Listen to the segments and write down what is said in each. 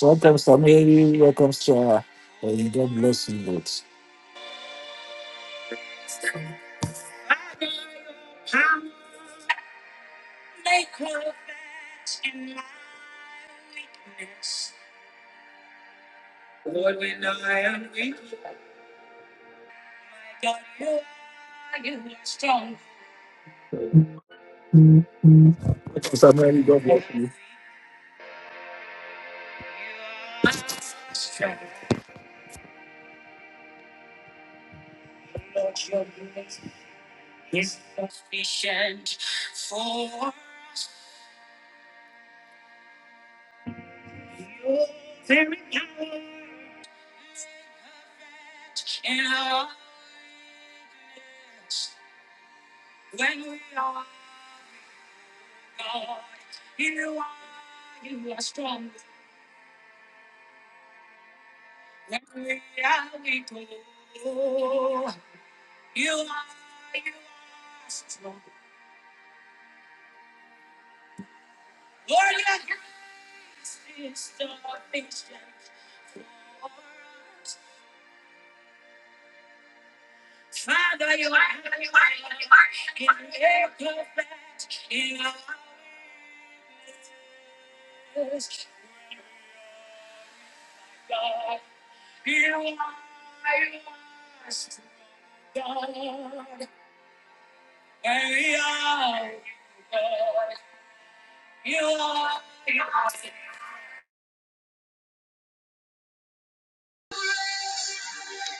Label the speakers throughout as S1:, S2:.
S1: Welcome, Samiri. Welcome, Sarah. And God bless you both. Welcome, Samiri. God bless you.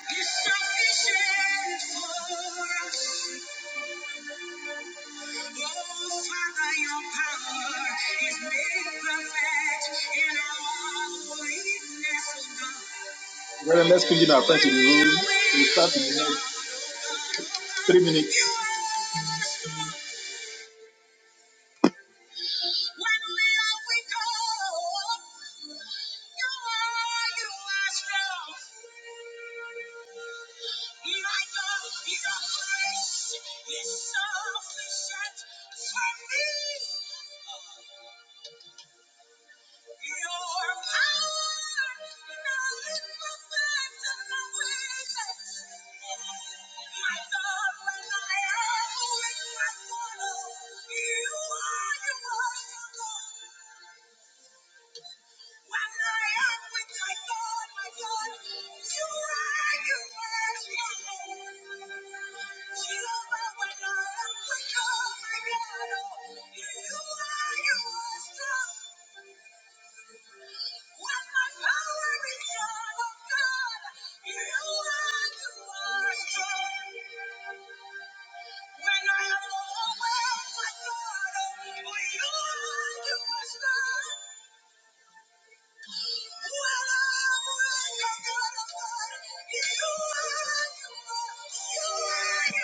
S2: is sufficient for us. Oh, Father, your power is made perfect in our weakness, oh God. Brother, let's put you now in the room. We start in the next three minutes. When we are weak, oh, you are, you are strong. My God, your grace is sufficient for me. Your power, nothing but that and the weakness. My God, when I am weak, my God, you are, you are, you are. When I am overwhelmed, my God, oh, you are, you are strong. When I am weak, you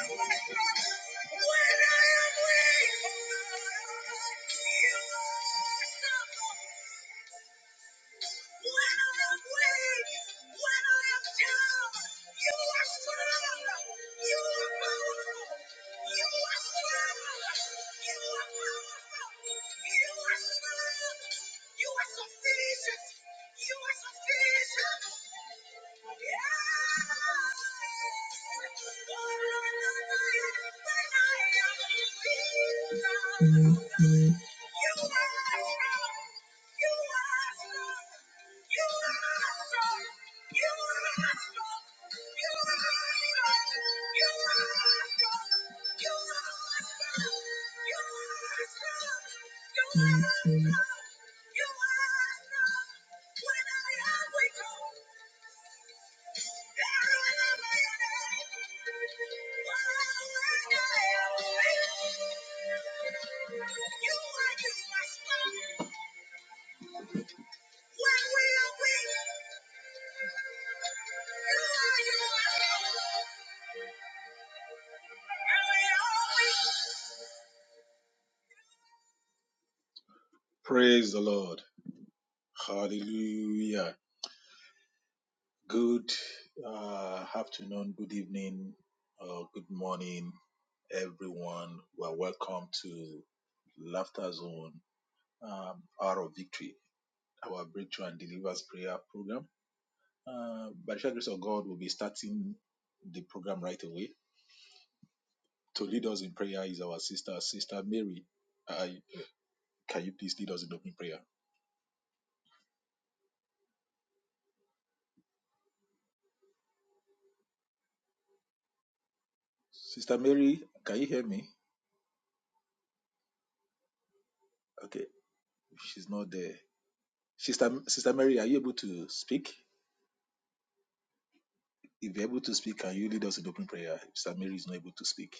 S2: are strong. You are strong. You are you, my son. Praise the Lord. Hallelujah. Good uh, afternoon, good evening, or good morning, everyone. Well, welcome to Laughter Zone, um, Hour of Victory, our Breakthrough and Deliverance Prayer Program. Uh, by the sheer grace of God, we'll be starting the program right away. To lead us in prayer is our sister, Sister Mary. I, can you please lead us in open prayer? Sister Mary, can you hear me? Okay, she's not there. Sister, Sister Mary, are you able to speak? If you're able to speak, can you lead us in open prayer? Sister Mary is not able to speak.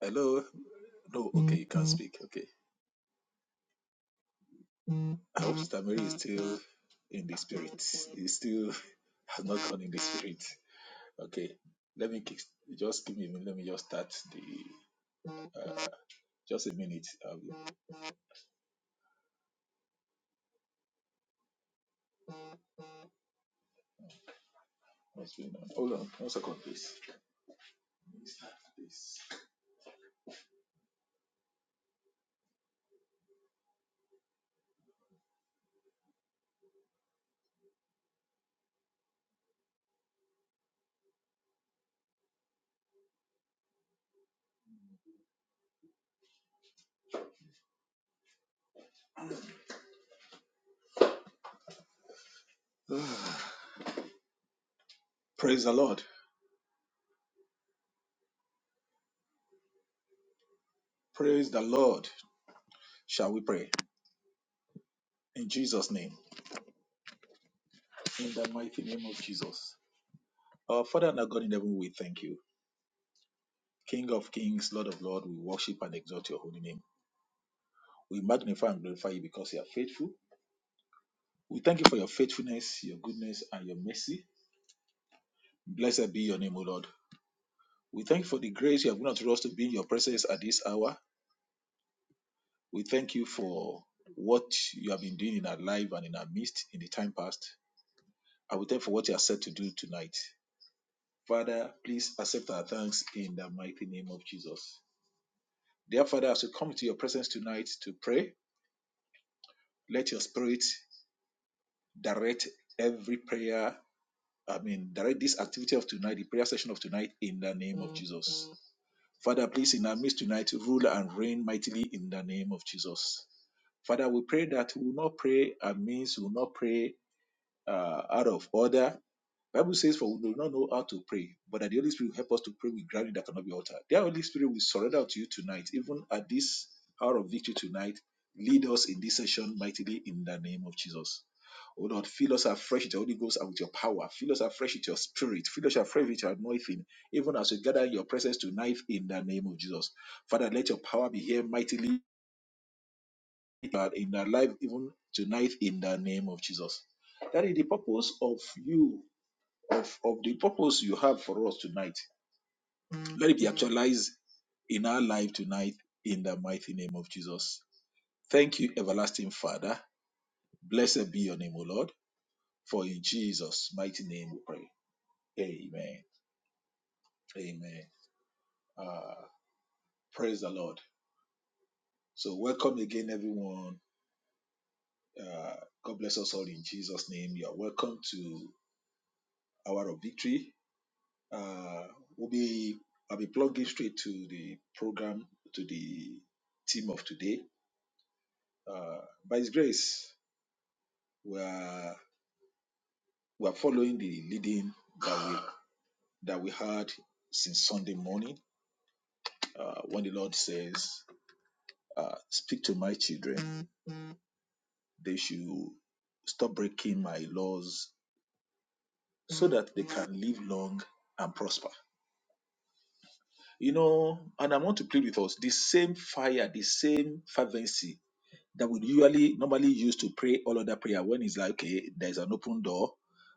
S2: Hello? No, okay, you can't speak. Okay. I hope Sister Mary is still in the spirit. Is still has not gone in the spirit. Okay. Let me just give me a minute. Let me just start the. Uh, just a minute. Uh, what's going on? Hold on. One second, please. Please. Praise the Lord. Praise the Lord. Shall we pray? In Jesus' name. In the mighty name of Jesus. Our Father and our God in heaven, we thank you. King of kings, Lord of lords, we worship and exalt your holy name. We magnify and glorify you because you are faithful. We thank you for your faithfulness, your goodness, and your mercy. Blessed be your name, O Lord. We thank you for the grace you have given unto us to be in your presence at this hour. We thank you for what you have been doing in our life and in our midst in the time past. And we thank you for what you are set to do tonight. Father, please accept our thanks in the mighty name of Jesus. Dear Father, as we come to your presence tonight to pray, let your spirit direct every prayer. I mean, direct this activity of tonight, the prayer session of tonight, in the name of Jesus. Father, please, in our midst tonight, rule and reign mightily in the name of Jesus. Father, we pray that we will not pray our we will not pray uh, out of order. Bible says, "For we do not know how to pray, but that the Holy Spirit will help us to pray with gravity that cannot be altered." The Holy Spirit will surrender to you tonight, even at this hour of victory tonight. Lead us in this session mightily in the name of Jesus. Oh Lord, fill us afresh with the Holy Ghost and with your power. Fill us afresh with your spirit. Fill us afresh with your anointing, even as we gather in your presence tonight in the name of Jesus. Father, let your power be here mightily uh, in our life, even tonight in the name of Jesus. That is the purpose of you of, of the purpose you have for us tonight. Let it be actualized in our life tonight in the mighty name of Jesus. Thank you, everlasting Father. Blessed be your name, O Lord, for in Jesus' mighty name we pray. Amen. Amen. Uh, praise the Lord. So, welcome again, everyone. Uh, God bless us all in Jesus' name. You are welcome to Hour of Victory. Uh, we'll be I'll be plugging straight to the program to the theme of today Uh, by His grace, we are we are following the leading that we that we had since Sunday morning uh, when the Lord says, uh, "Speak to my children; they should stop breaking my laws, so that they can live long and prosper." You know, and I want to plead with us the same fire, the same fervency that we usually normally use to pray all other prayer when it's like okay there's an open door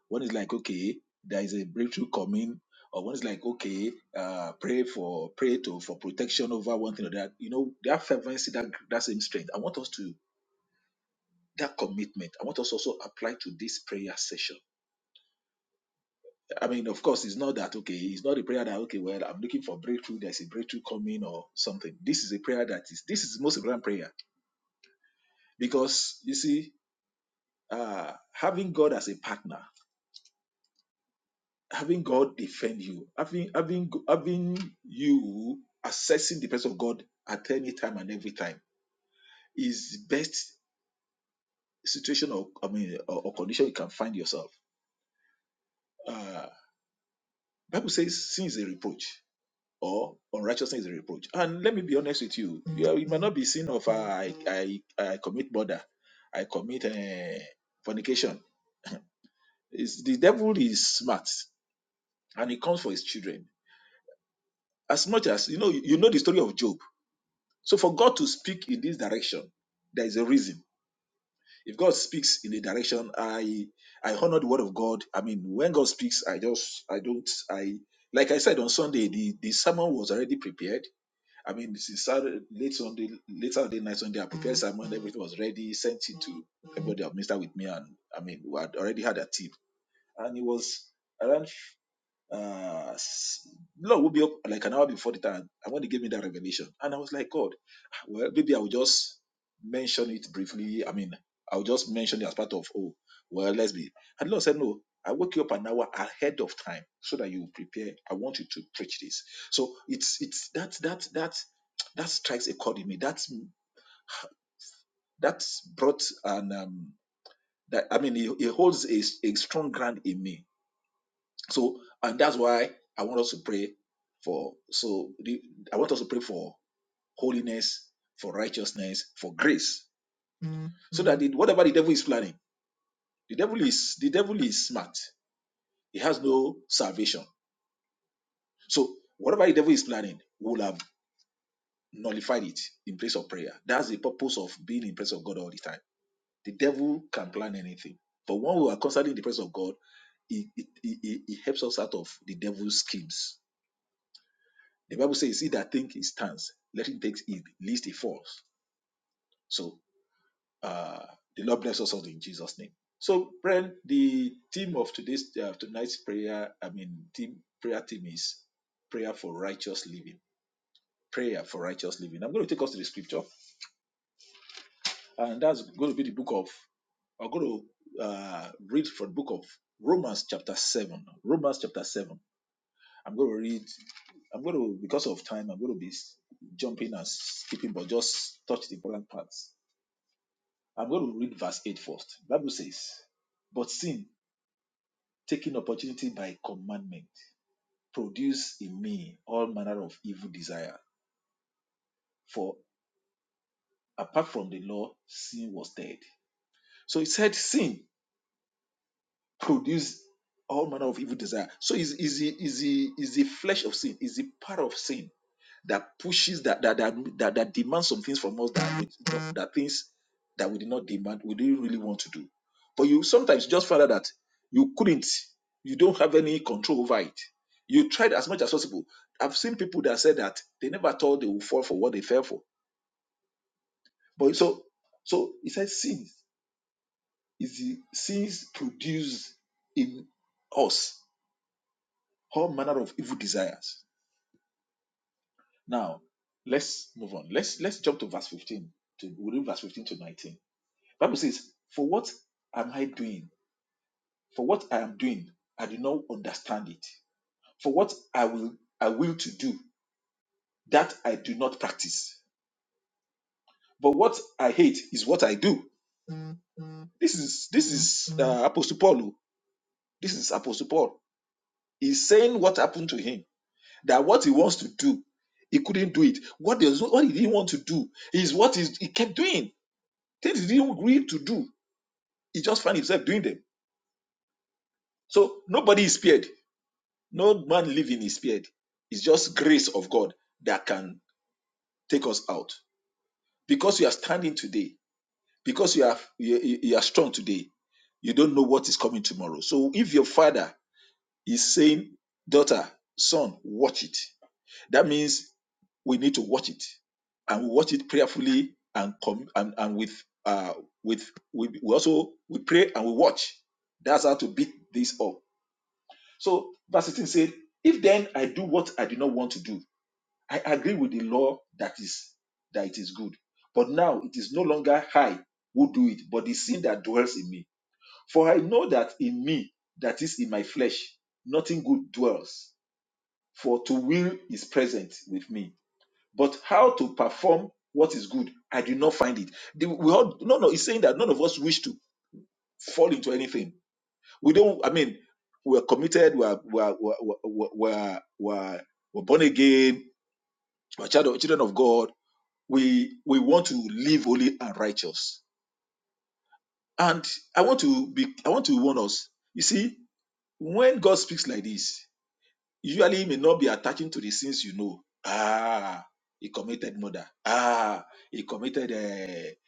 S2: when it's like okay there is a breakthrough coming or when it's like okay uh pray for pray to for protection over one thing or that you know that fervency that that same strength i want us to that commitment i want us also apply to this prayer session i mean of course it's not that okay it's not a prayer that okay well i'm looking for breakthrough there's a breakthrough coming or something this is a prayer that is this is the most important prayer because you see uh having god as a partner having God defend you, having having having you assessing the presence of God at any time and every time is best situation or I mean or, or condition you can find yourself. Uh, Bible says sin is a reproach or unrighteousness is a reproach. And let me be honest with you, you are- it might not be sin of uh, I, I I commit murder, I commit uh, fornication. It's, the devil is smart and he comes for his children. As much as you know, you know the story of Job So for God to speak in this direction, there is a reason. If God speaks in a direction, I I honor the word of God. I mean, when God speaks, I just I don't I like I said on Sunday, the the sermon was already prepared. I mean, this is Saturday, late Sunday, late Saturday night Sunday, I prepared sermon, everything was ready, sent it to everybody that ministered with me, and I mean, we had already had a tip, and it was around. Uh, s- Lord woke me up like an hour before the time, and when he gave me that revelation, and I was like, God, well, maybe I'll just mention it briefly. I mean, I'll just mention it as part of, oh, well, let's be. And Lord said, No, I woke you up an hour ahead of time so that you prepare. I want you to preach this. So it's it's that that that that strikes a chord in me. That's that's brought an um that I mean it, it holds a, a strong ground in me so, and that's why I want us to pray for. So, the, I want us to pray for holiness, for righteousness, for grace, Mm. so that the, whatever the devil is planning, the devil is the devil is smart. He has no salvation. So, whatever the devil is planning, we will have nullified it in place of prayer. That's the purpose of being in presence of God all the time. The devil can plan anything, but when we are constantly in the presence of God, it, it, it it helps us out of the devil's schemes The Bible says, He that think he stands, let him take heed, lest he falls. So uh, the Lord bless us all in Jesus' name. So, friend, the theme of today's uh, tonight's prayer, I mean, theme prayer theme is prayer for righteous living. Prayer for righteous living. I'm going to take us to the scripture, and that's going to be the book of. I'm going to uh, read from the book of Romans chapter seven. Romans chapter seven. I'm going to read. I'm going to, because of time, I'm going to be jumping and skipping, but just touch the important parts. I'm going to read verse 8 first. Bible says, But sin, taking opportunity by commandment, produce in me all manner of evil desire. For apart from the law, sin was dead. So it said, Sin produced all manner of evil desire. So is is the, is the, is the flesh of sin, is the part of sin that pushes that that that that, that demands some things from us that that things that we did not demand we didn't really want to do but you sometimes just find out that you couldn't you don't have any control over it you tried as much as possible i've seen people that said that they never thought they would fall for what they fell for but so so it says sin is the sins produce in us all manner of evil desires now let's move on let's let's jump to verse 15 to we read verse 15 to 19 Bible says, For what am I doing? For what I am doing, I do not understand it. For what I will I will to do, that I do not practice. But what I hate is what I do. This is this is uh, Apostle Paul. oh. This is Apostle Paul. He's saying what happened to him. That what he wants to do, he couldn't do it. What does what he didn't want to do is what he's- he kept doing. Things he didn't agree to do, he just found himself doing them. So nobody is spared. No man living is spared. It's just grace of God that can take us out. Because you are standing today, because you are you, you you are strong today, you don't know what is coming tomorrow. So if your father is saying, daughter, son, watch it, that means we need to watch it, and we watch it prayerfully and com- and and with uh with we, we also we pray and we watch. That's how to beat this up. So verse 16 said, if then I do what I do not want to do I agree with the law that is that it is good. But now it is no longer I who do it, but the sin that dwells in me. For I know that in me, that is in my flesh, nothing good dwells. For to will is present with me. But how to perform what is good, I do not find it. The- we all, no, no, it's saying that none of us wish to fall into anything. We don't, I mean, we're committed, we're, we're, we're, we're, we're, we're, we're born again, we're child- children of God we we want to live holy and righteous and i want to be i want to warn us you see when god speaks like this usually he may not be attaching to the sins you know ah he committed murder ah he committed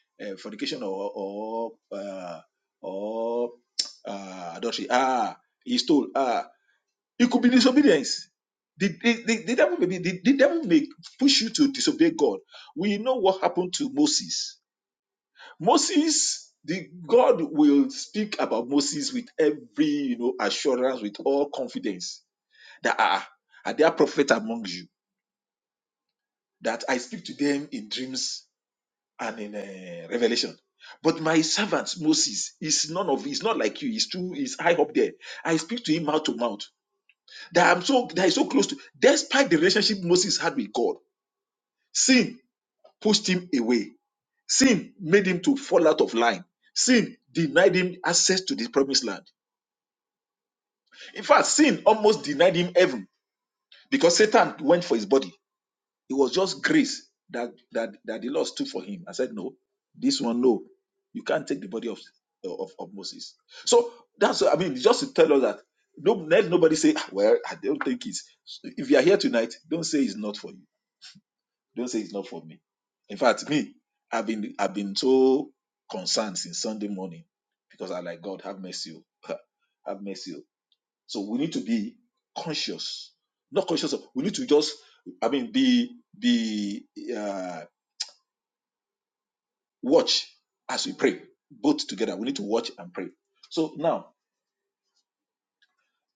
S2: uh, uh, fornication or or uh, or uh, adultery ah he stole ah it could be disobedience the, the, the, the devil may be, the, the devil may push you to disobey god we know what happened to moses Moses, the God will speak about Moses with every you know assurance, with all confidence that are are there prophets among you that I speak to them in dreams and in uh, revelation. But my servant Moses is none of he's not like you. He's too he's high up there. I speak to him mouth to mouth. That I'm so that is so close to. Despite the relationship Moses had with God, sin pushed him away. Sin made him to fall out of line. Sin denied him access to the promised land In fact, sin almost denied him heaven because Satan went for his body. It was just grace that that, that the Lord stood for him I said, No, this one, no, you can't take the body of of, of Moses. So that's I mean, just to tell us that no, let nobody say, "Ah, Well, I don't think it's if you are here tonight, don't say it's not for you. Don't say it's not for me. In fact, me, I've been I've been so concerned since Sunday morning because I like God have mercy. oh. Have mercy. oh." So we need to be conscious, not conscious of. We need to just, I mean, be be uh, watch as we pray, both together. We need to watch and pray. So now,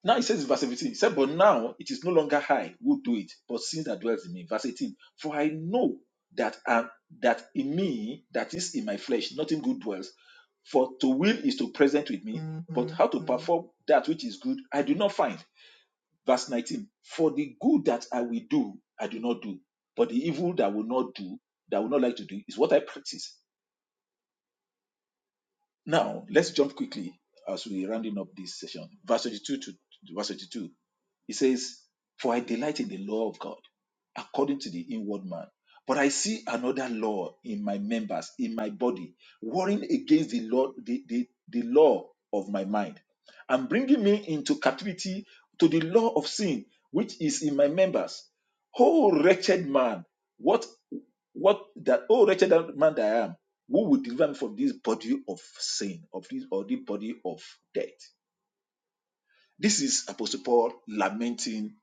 S2: now it says in verse 17, it said, but now it is no longer I who do it, but sin that dwells in me. Verse 18, for I know that I, that in me, that is in my flesh, nothing good dwells. For to will is to present with me, but how to perform that which is good, I do not find. Verse 19 For the good that I will do, I do not do, but the evil that I will not do, that I will not like to do, is what I practice. Now, let's jump quickly as we rounding up this session. Verse 22 to verse 22 he says, For I delight in the law of God according to the inward man. But I see another law in my members, in my body, warring against the law, the, the, the law of my mind, and bringing me into captivity to the law of sin, which is in my members. Oh, wretched man, what, what that, oh, wretched man that I am, who will deliver me from this body of sin, of this, or the body of death? This is Apostle Paul lamenting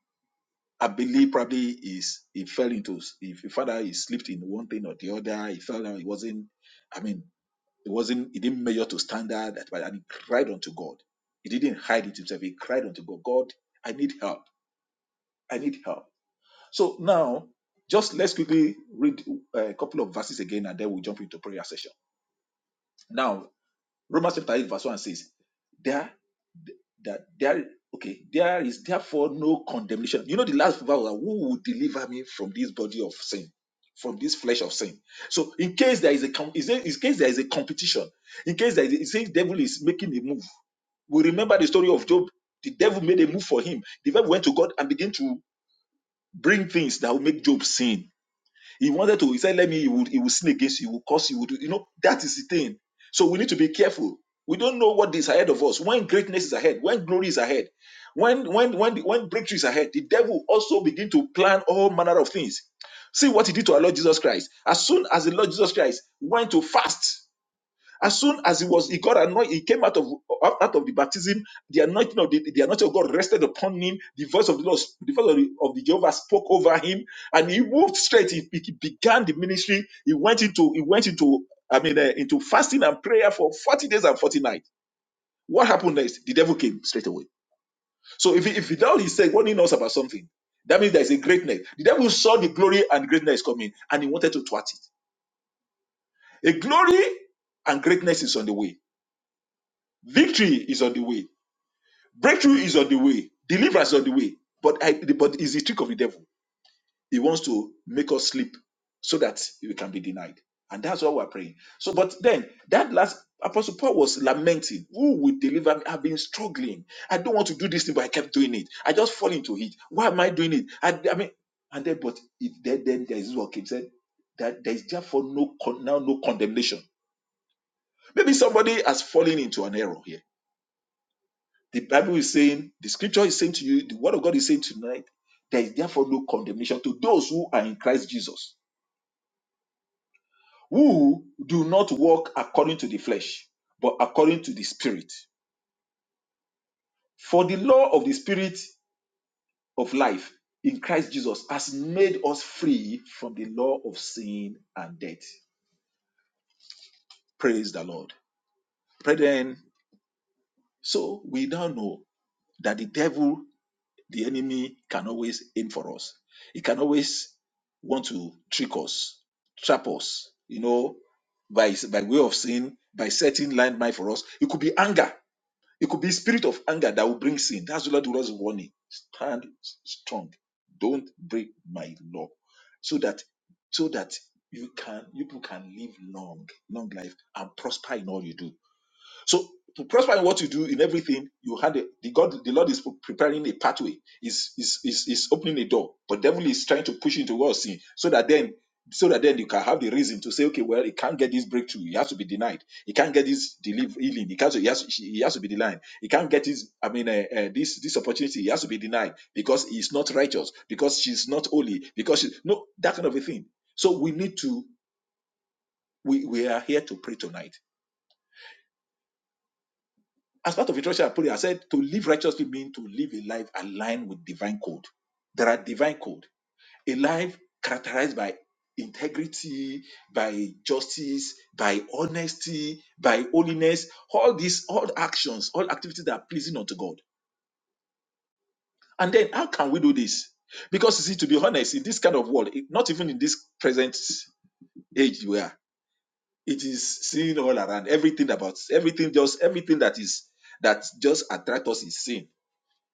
S2: I believe probably is he fell into if father he slipped in one thing or the other, he fell down, he wasn't I mean, he wasn't he didn't measure to standard that and he cried unto God. He didn't hide it himself, he cried unto God, God, I need help. I need help. So now just let's quickly read uh, a couple of verses again and then we'll jump into prayer session. now. Romans chapter 8, verse 1 says, There that there okay, there is therefore no condemnation. You know, the last verse was, who will deliver me from this body of sin, from this flesh of sin. So in case there is a com- is there- in case there is a competition, in case there is a, it says devil is making a move. We remember the story of Job. The devil made a move for him. The devil went to God and began to bring things that will make Job sin he wanted to, he said, let me, he would, he would sin against you, he would curse you, he would, you know, that is the thing. So we need to be careful. We don't know what is ahead of us. When greatness is ahead, when glory is ahead, when when when when breakthrough is ahead, the devil also begin to plan all manner of things. See what he did to our Lord Jesus Christ. As soon as the Lord Jesus Christ went to fast, as soon as he was, he got anointed, he came out of out of the baptism, the anointing of the, the anointing of God rested upon him. The voice of the Lord, the voice of the, of the Jehovah spoke over him, and he moved straight. He, he began the ministry. He went into he went into I mean uh, into fasting and prayer for forty days and forty nights. What happened next? The devil came straight away. So if he, if he now he said warning us about something, that means there is a greatness. The devil saw the glory and greatness coming, and he wanted to thwart it. A glory and greatness is on the way. Victory is on the way. Breakthrough is on the way. Deliverance is on the way. But I, but it's the trick of the devil. He wants to make us sleep so that we can be denied. And that's what we're praying. So, but then that last Apostle Paul was lamenting, Who will deliver me? I've been struggling. I don't want to do this thing, but I kept doing it. I just fall into it. Why am I doing it? I, I mean, and then, but if then, then there's what Kim said that there is therefore no con- now no condemnation. Maybe somebody has fallen into an error here The Bible is saying, the scripture is saying to you, the word of God is saying tonight, there is therefore no condemnation to those who are in Christ Jesus, who do not walk according to the flesh, but according to the Spirit. For the law of the Spirit of life in Christ Jesus has made us free from the law of sin and death. Praise the Lord. Brethren, so we now know that the devil The enemy can always aim for us. He can always want to trick us, trap us, you know, by, by way of sin, by setting landmine for us. It could be anger. It could be spirit of anger that will bring sin. That's the Lord was warning. Stand strong. Don't break my law. So that so that you can you people can live long, long life and prosper in all you do. So to prosper in what you do in everything, you had a, the God, the Lord is preparing a pathway, is is is is opening a door, but devil is trying to push you towards sin, so that then so that then you can have the reason to say, okay, well, he can't get this breakthrough, he has to be denied, he can't get this deliver healing, he can't, he has, he has to be denied, he can't get his, I mean, uh, uh, this this opportunity, he has to be denied because he's not righteous, because she's not holy, because she, no, that kind of a thing. So we need to, we we are here to pray tonight As part of introduction, I put it, I said to live righteously means to live a life aligned with divine code. There are divine code. A life characterized by integrity, by justice, by honesty, by holiness, all these, all actions, all activities that are pleasing unto God. And then how can we do this? Because you see, to be honest, in this kind of world, it- not even in this present age we are, it is seen all around. Everything about everything, just everything that is that just attracts us is sin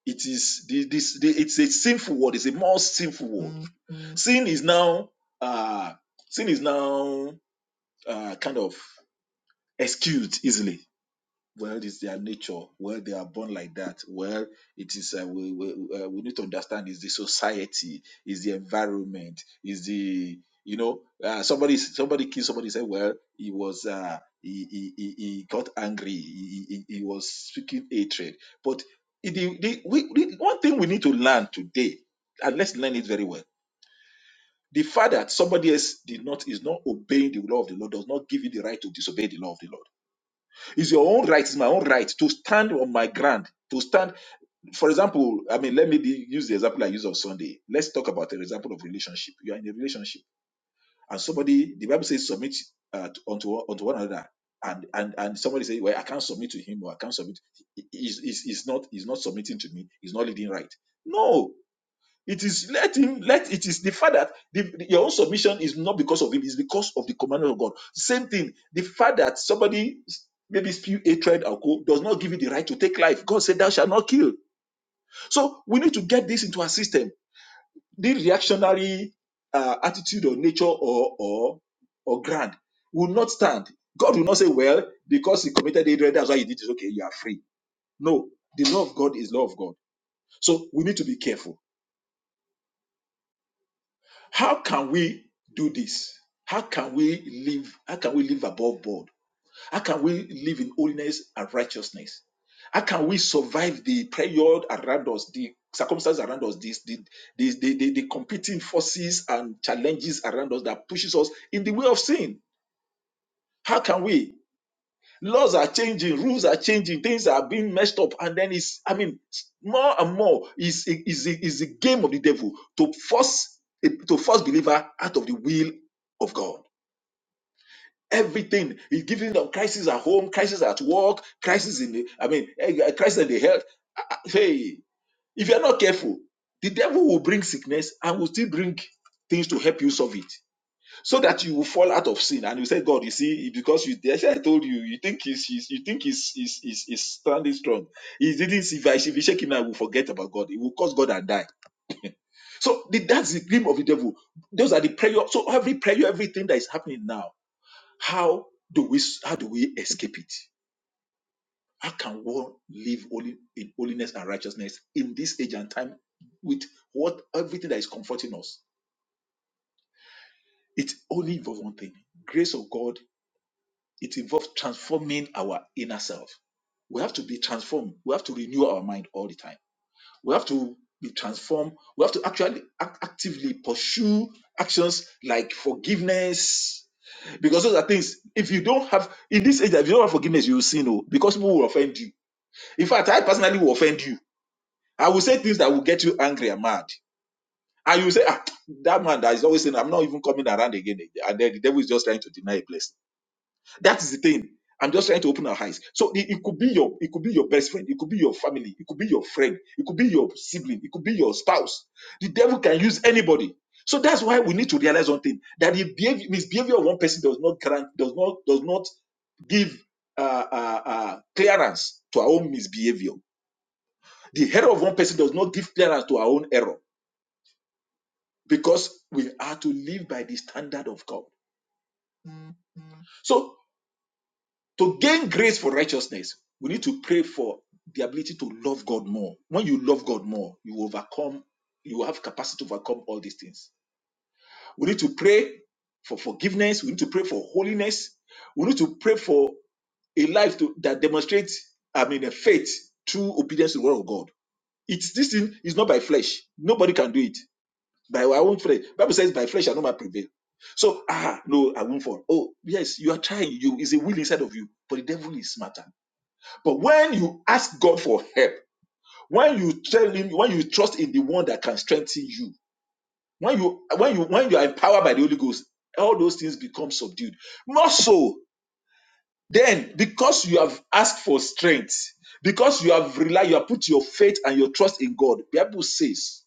S2: It is the, this the, it's a sinful word. It's a more sinful word. Mm-hmm. Sin is now uh sin is now uh kind of excused easily well it's their nature well they are born like that well it is uh, we, we, uh, we need to understand is the society is the environment is the you know uh, somebody somebody killed somebody said well he was uh he he, he, he got angry he, he, he he was speaking hatred but it- the, the, we, the one thing we need to learn today and let's learn it very well the fact that somebody else did not is not obeying the law of the Lord does not give you the right to disobey the law of the Lord. It's your own right, it's my own right to stand on my ground. To stand, for example, I mean, let me be- use the example I use on Sunday. Let's talk about an example of relationship. You are in a relationship, and somebody, the Bible says, submit uh, to, unto, unto one another. And, and and somebody say, well, I can't submit to him, or I can't submit. He's, he's, he's not he's not submitting to me. He's not leading right. No, it is let him let it is the fact that the, the- your own submission is not because of him, it's because of the commandment of God. Same thing, the fact that somebody s- maybe spew hatred or co does not give you the right to take life. God said, Thou shalt not kill. So we need to get this into our system. The reactionary uh, attitude or nature or or or grand will not stand. God will not say, Well, because he committed hatred, that's why he did it. Okay, you are free. No, the law of God is law of God. So we need to be careful How can we do this? How can we live? How can we live above board? How can we live in holiness and righteousness? How can we survive the period around us, the circumstances around us, this, the, the, the, the, the competing forces and challenges around us that pushes us in the way of sin? How can we? laws are changing rules are changing things are being messed up and then it's i mean more and more is is is the game of the devil to force to force believer out of the will of god everything is giving them crisis at home crisis at work crisis in the i mean eh, eh, crisis in the health Ah, hey if you're not careful the devil will bring sickness and will still bring things to help you solve it so that you will fall out of sin and you say god you see because you that's why i told you you think he's, he's you think he's, he's he's he's standing strong he didn't if i if you shake him now he will forget about god he will curse god and die so the, that's the dream of the devil those are the prayer so every prayer everything that is happening now how do we how do we escape it how can one live holy in holiness and righteousness in this age and time with what everything that is comforting us it only involves one thing grace of god It involves transforming our inner self. We have to be transformed. We have to renew our mind all the time. We have to be transformed. We have to actually act- actively pursue actions like forgiveness. Because those are things, if you don't have, in this age, if you don't have forgiveness, you will sin. Oh, because people will offend you. In fact, I personally will offend you. I will say things that will get you angry and mad. And you will say, ah, that man that is always saying, I'm not even coming around again. And then the devil is just trying to deny a blessing that is the thing. I'm just trying to open our eyes. So it, it could be your it could be your best friend, it could be your family, it could be your friend, it could be your sibling, it could be your spouse. The devil can use anybody. So that's why we need to realize one thing that the behavior, misbehavior of one person does not grant does not does not give uh, uh, uh, clearance to our own misbehavior. The error of one person does not give clearance to our own error because we are to live by the standard of God. So To gain grace for righteousness, we need to pray for the ability to love God more. When you love God more, you overcome, you have capacity to overcome all these things. We need to pray for forgiveness. We need to pray for holiness. We need to pray for a life to, that demonstrates, I mean, a faith through obedience to the word of God. It's this thing is not by flesh. Nobody can do it by our own flesh. Bible says, "By flesh shall no man prevail." So ah no, I won't fall. Oh yes, you are trying. You is a will inside of you, but the devil is smarter. But when you ask God for help, when you tell him, when you trust in the one that can strengthen you, when you when you when you are empowered by the Holy Ghost, all those things become subdued. More so, then because you have asked for strength, because you have relied, you have put your faith and your trust in God, The Bible says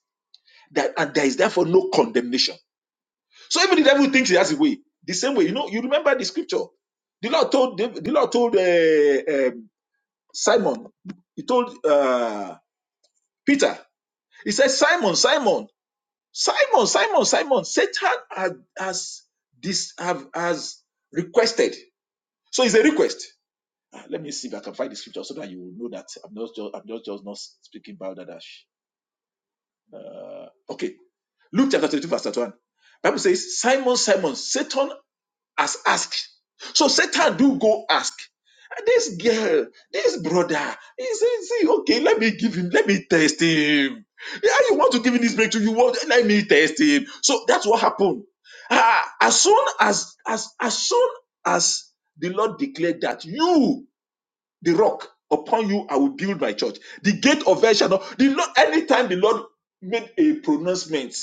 S2: that and there is therefore no condemnation. So even the devil thinks he has a way. The same way, you know, you remember the scripture. The Lord told the Lord told uh, um, Simon, he told uh, Peter He said, Simon, Simon, Simon, Simon, Simon, Satan has, has this have has requested. So it's a request. Ah, Let me see if I can find the scripture so that you will know that I'm not just I'm not just not speaking balderdash. Okay. Luke chapter 22, verse 1. Bible says, Simon, Simon, Satan as asked. So Satan do go ask. "Ah, This girl, this brother, he say, see, okay, let me give him, let me test him. Yeah, you want to give him this breakthrough, you want, let me test him. So that's what happened. Ah, as soon as, as, as soon as the Lord declared that you the rock upon you i will build my church the gate of hell shall not the lord anytime the lord made a pronouncement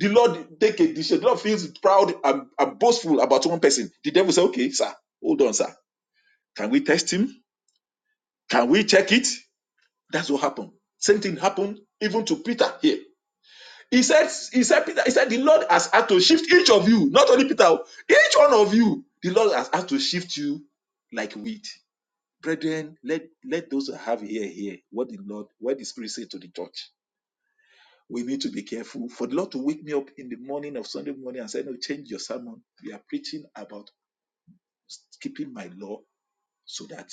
S2: the lord take a decision the lord feels proud and, and boastful about one person the devil say okay sir hold on sir can we test him can we check it that's what happened same thing happened even to peter here he said he said peter he said the lord has had to shift each of you not only peter oh, each one of you the lord has had to shift you like wheat Brethren, let, let those who have ear hear what the Lord, what the Spirit said to the church. We need to be careful. For the Lord to wake me up in the morning of Sunday morning and say, No, change your sermon. We are preaching about keeping my law so that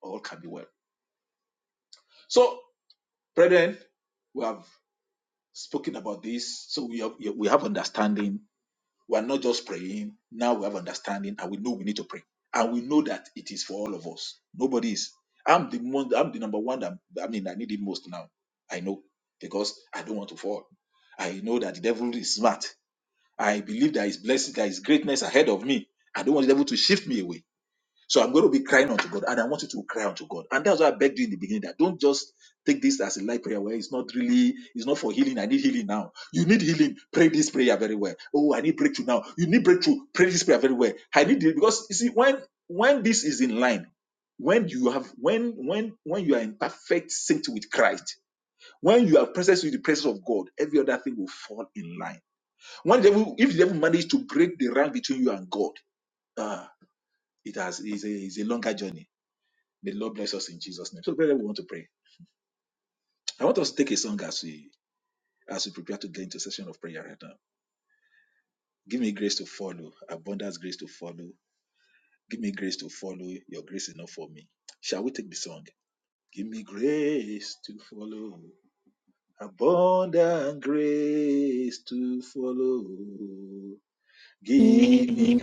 S2: all can be well. So, brethren, we have spoken about this. So we have we have understanding We are not just praying. Now we have understanding and we know we need to pray. And we know that it is for all of us. Nobody is. I'm the one, I'm the number one that I mean I need it most now. I know because I don't want to fall. I know that the devil is smart. I believe there is blessing, there is greatness ahead of me. I don't want the devil to shift me away. So I'm going to be crying unto God, and I want you to cry unto God. And that's why I begged you in the beginning that don't just take this as a light prayer where it's not really, it's not for healing. I need healing now. You need healing. Pray this prayer very well. Oh, I need breakthrough now. You need breakthrough. Pray this prayer very well. I need it because you see, when when this is in line, when you have when when when you are in perfect sync with Christ, when you are present with the presence of God, every other thing will fall in line. When the devil, if the devil manage to break the rank between you and God, ah, it has is a, is a longer journey May the Lord bless us in Jesus' name. So, brother, we want to pray. I want us to take a song as we as we prepare to get into a session of prayer right now. Give me grace to follow, abundance grace to follow. Give me grace to follow. Your grace enough for me. Shall we take the song? Give me grace to follow, abundant grace to follow. Give me
S3: Even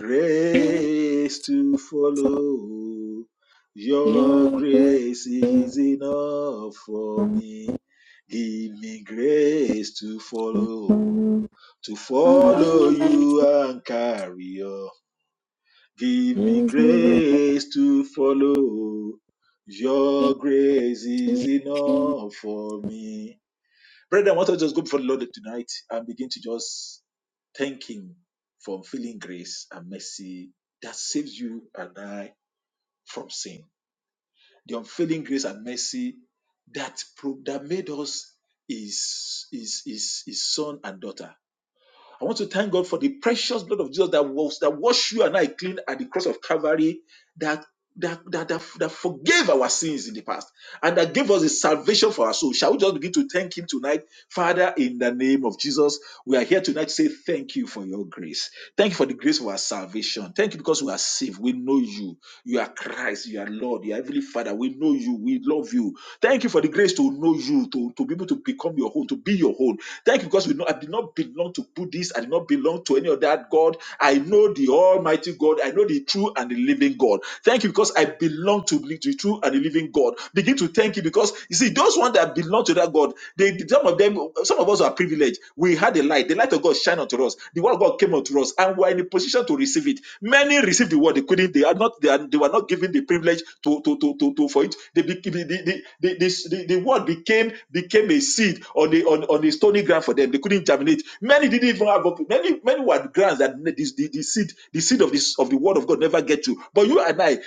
S3: if
S2: to follow. Your
S3: you're good
S2: grace
S3: to
S2: is enough for
S3: come
S2: me. Give me grace to follow,
S3: tomorrow,
S2: to
S3: I'm
S2: follow
S3: always with
S2: you and carry on. Give me
S3: you.
S2: grace to follow. Your grace is enough for me. Brethren, I want to just go before the Lord tonight and begin to just thank Him for unfailing grace and mercy that saves you and I from sin. The unfailing grace and mercy that pro- that made us His, His, His, His son and daughter. I want to thank God for the precious blood of Jesus that was that washed you and I clean at the cross of Calvary, that that, that, that, that forgave our sins in the past and that gave us a salvation for our soul. Shall we just begin to thank Him tonight? Father, in the name of Jesus, we are here tonight to say thank you for your grace. Thank you for the grace of our salvation. Thank you because we are saved. We know you. You are Christ. You are Lord. You are Heavenly Father. We know you. We love you. Thank you for the grace to know you, to, to be able to become your own, to be your own. Thank you because we know I did not belong to Buddhists. I did not belong to any other God. I know the Almighty God. I know the true and the living God. Thank you because I belong to the the true and the living God. Begin to thank you because you see those ones that belong to that God. They some of them, some of us are privileged. We had the light. The light of God shine unto us. The word of God came unto us, and we are in a position to receive it. Many received the word, they couldn't, they are not, they, are, they were not given the privilege to, to, to, to, to for it. They be, the, the, the, the, the, the word became became a seed on the on, on the stony ground for them. They couldn't germinate. Many didn't even have up, many, many were grants that this the, the seed, the seed of this of the word of God never get to. But you and I,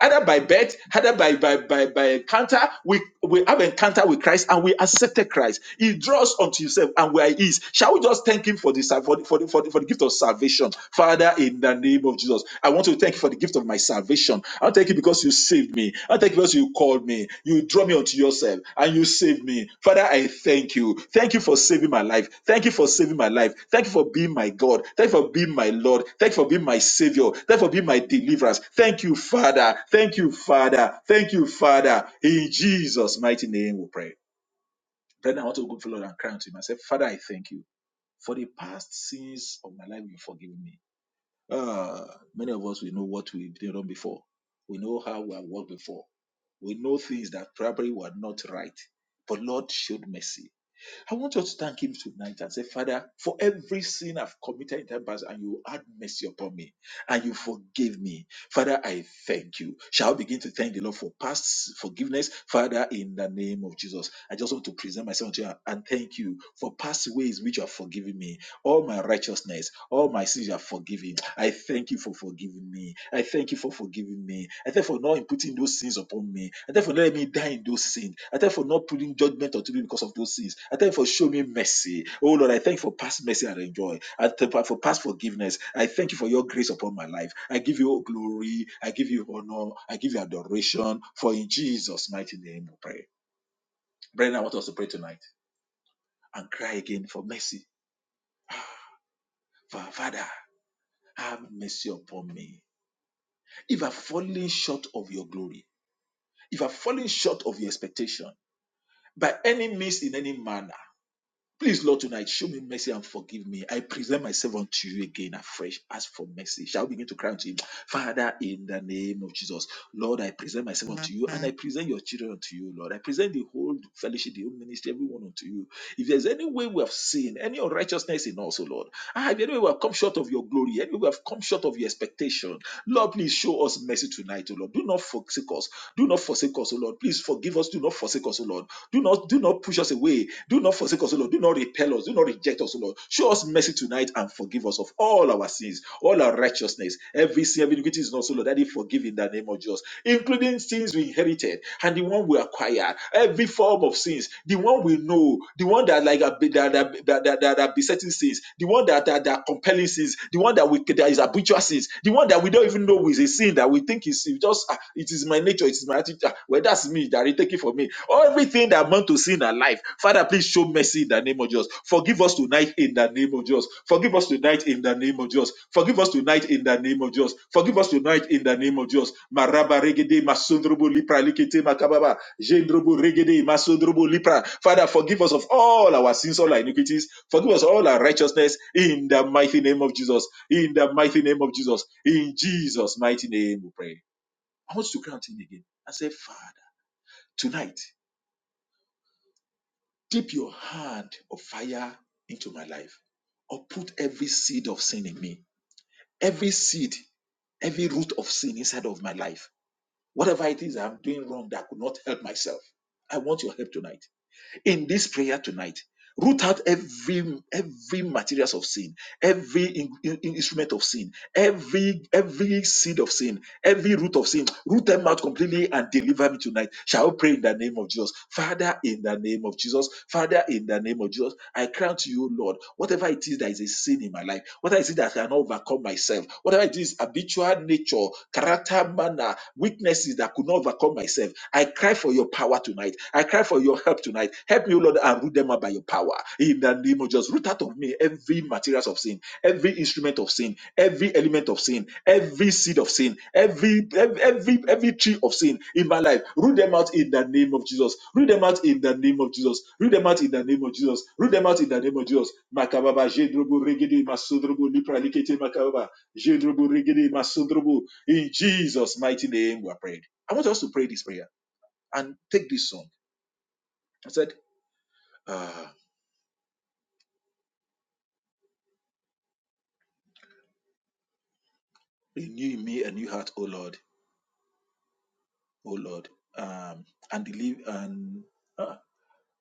S2: either by birth, either by by by, by encounter, we, we have encounter with Christ and we accepted Christ. He draws unto himself and we are his Shall we just thank Him for the for the, for the, for the, for the gift of salvation, Father? In the name of Jesus, I want to thank you for the gift of my salvation. I thank you because you saved me. I thank you because you called me. You draw me unto yourself and you saved me, Father. I thank you. Thank you for saving my life. Thank you for saving my life. Thank you for being my God. Thank you for being my Lord. Thank you for being my Savior. Thank you for being my deliverance. Thank you, Father. Thank you, Father. Thank you, Father. In Jesus' mighty name, we pray. Brethren, I want to go for Lord and cry unto Him. and say, Father, I thank you. For the past sins of my life, you forgive me. Ah, many of us, we know what we've done before. We know how we have walked before. We know things that probably were not right. But Lord showed mercy. I want you to thank Him tonight and say, Father, for every sin I've committed in time past, and you had mercy upon me, and you forgave me. Father, I thank you. Shall I begin to thank the Lord for past forgiveness? Father, in the name of Jesus, I just want to present myself to you and thank you for past ways which you have forgiven me all my righteousness, all my sins are forgiven. I thank you for forgiving me. I thank you for forgiving me. I thank you for not imputing those sins upon me. I thank you for not letting me die in those sins. I thank you for not putting judgment on me because of those sins. I thank you for showing me mercy. Oh Lord, I thank you for past mercy I enjoy. I thank you for past forgiveness. I thank you for your grace upon my life. I give you all glory. I give you honor. I give you adoration. For in Jesus' mighty name we pray. Brethren, I want us to pray tonight and cry again for mercy. For our Father. Have mercy upon me. If I've fallen short of your glory, if I've fallen short of your expectation, by any means in any manner, please, Lord, tonight, show me mercy and forgive me. I present myself unto you again afresh. Ask for mercy. Shall we begin to cry unto him? Father, in the name of Jesus, Lord, I present myself unto you and I present your children unto you, Lord. I present the whole fellowship, the whole ministry, everyone unto you. If there's any way we have seen any unrighteousness in us, O Lord, ah, if any way we have come short of your glory, any way we have come short of your expectation, Lord, please show us mercy tonight, O Lord. Do not forsake us. Do not forsake us, O Lord. Please forgive us. Do not forsake us, O Lord. Do not do not push us away. Do not forsake us, O Lord. Do not repel us. Do not reject us, O Lord. Show us mercy tonight and forgive us of all our sins, all our righteousness, every sin, every iniquity is not so, Lord. That is forgive in the name of Jesus, including sins we inherited and the one we acquired, every form of sins, the one we know, the one that like are be- that that that that, that, that besetting sins, the one that, that that are compelling sins, the one that we that is habitual sins, the one that we don't even know is a sin that we think is is just ah, it is my nature, it is my attitude. ah, Well, that's me that he take it for me. All Everything that amount to sin in our life, Father, please show mercy in the name of Jesus. Forgive us tonight in the name of Jesus. Forgive us tonight in the name of Jesus. Forgive us tonight in the name of Jesus. Forgive us tonight in the name of Jesus. Maraba regede masundrubu lipra likete makababa. Jendrobo regede masodrobo lipra. Father, forgive us of all our sins, all our iniquities. Forgive us all our righteousness in the mighty name of Jesus. In the mighty name of Jesus. In Jesus' mighty name, we pray. I want you to count in again. I say, Father, tonight, dip your hand of fire into my life, or put every seed of sin in me. Every seed every root of sin inside of my life. Whatever it is I'm doing wrong that I could not help myself, I want your help tonight. in this prayer tonight root out every every materials of sin every in- in- instrument of sin every every seed of sin every root of sin, root them out completely and deliver me tonight. Shall we pray in the name of Jesus? Father, in the name of Jesus, Father, in the name of Jesus, I cry to you, Lord, whatever it is that is a sin in my life, whatever it is that I cannot overcome myself, whatever it is, habitual nature, character, manner, weaknesses that could not overcome myself, I cry for your power tonight. I cry for your help tonight. Help me you, Lord, and root them out by your power. In the name of Jesus, root out of me every materials of sin, every instrument of sin, every element of sin, every seed of sin, every every every, every tree of sin in my life. Root them out in the name of Jesus. Root them out in the name of Jesus. Root them out in the name of Jesus. Root them out in the name of Jesus. Makababa, Jedrobo, Regede, Masodrobo, Lipra, Likete, Makababa, Jedrobo, Regede, Masodrobo. In Jesus' mighty name, we are praying. I want us to pray this prayer and take this song. I said. ah. Renew in me a new heart, O Lord, O Lord, um, and deliver and ah,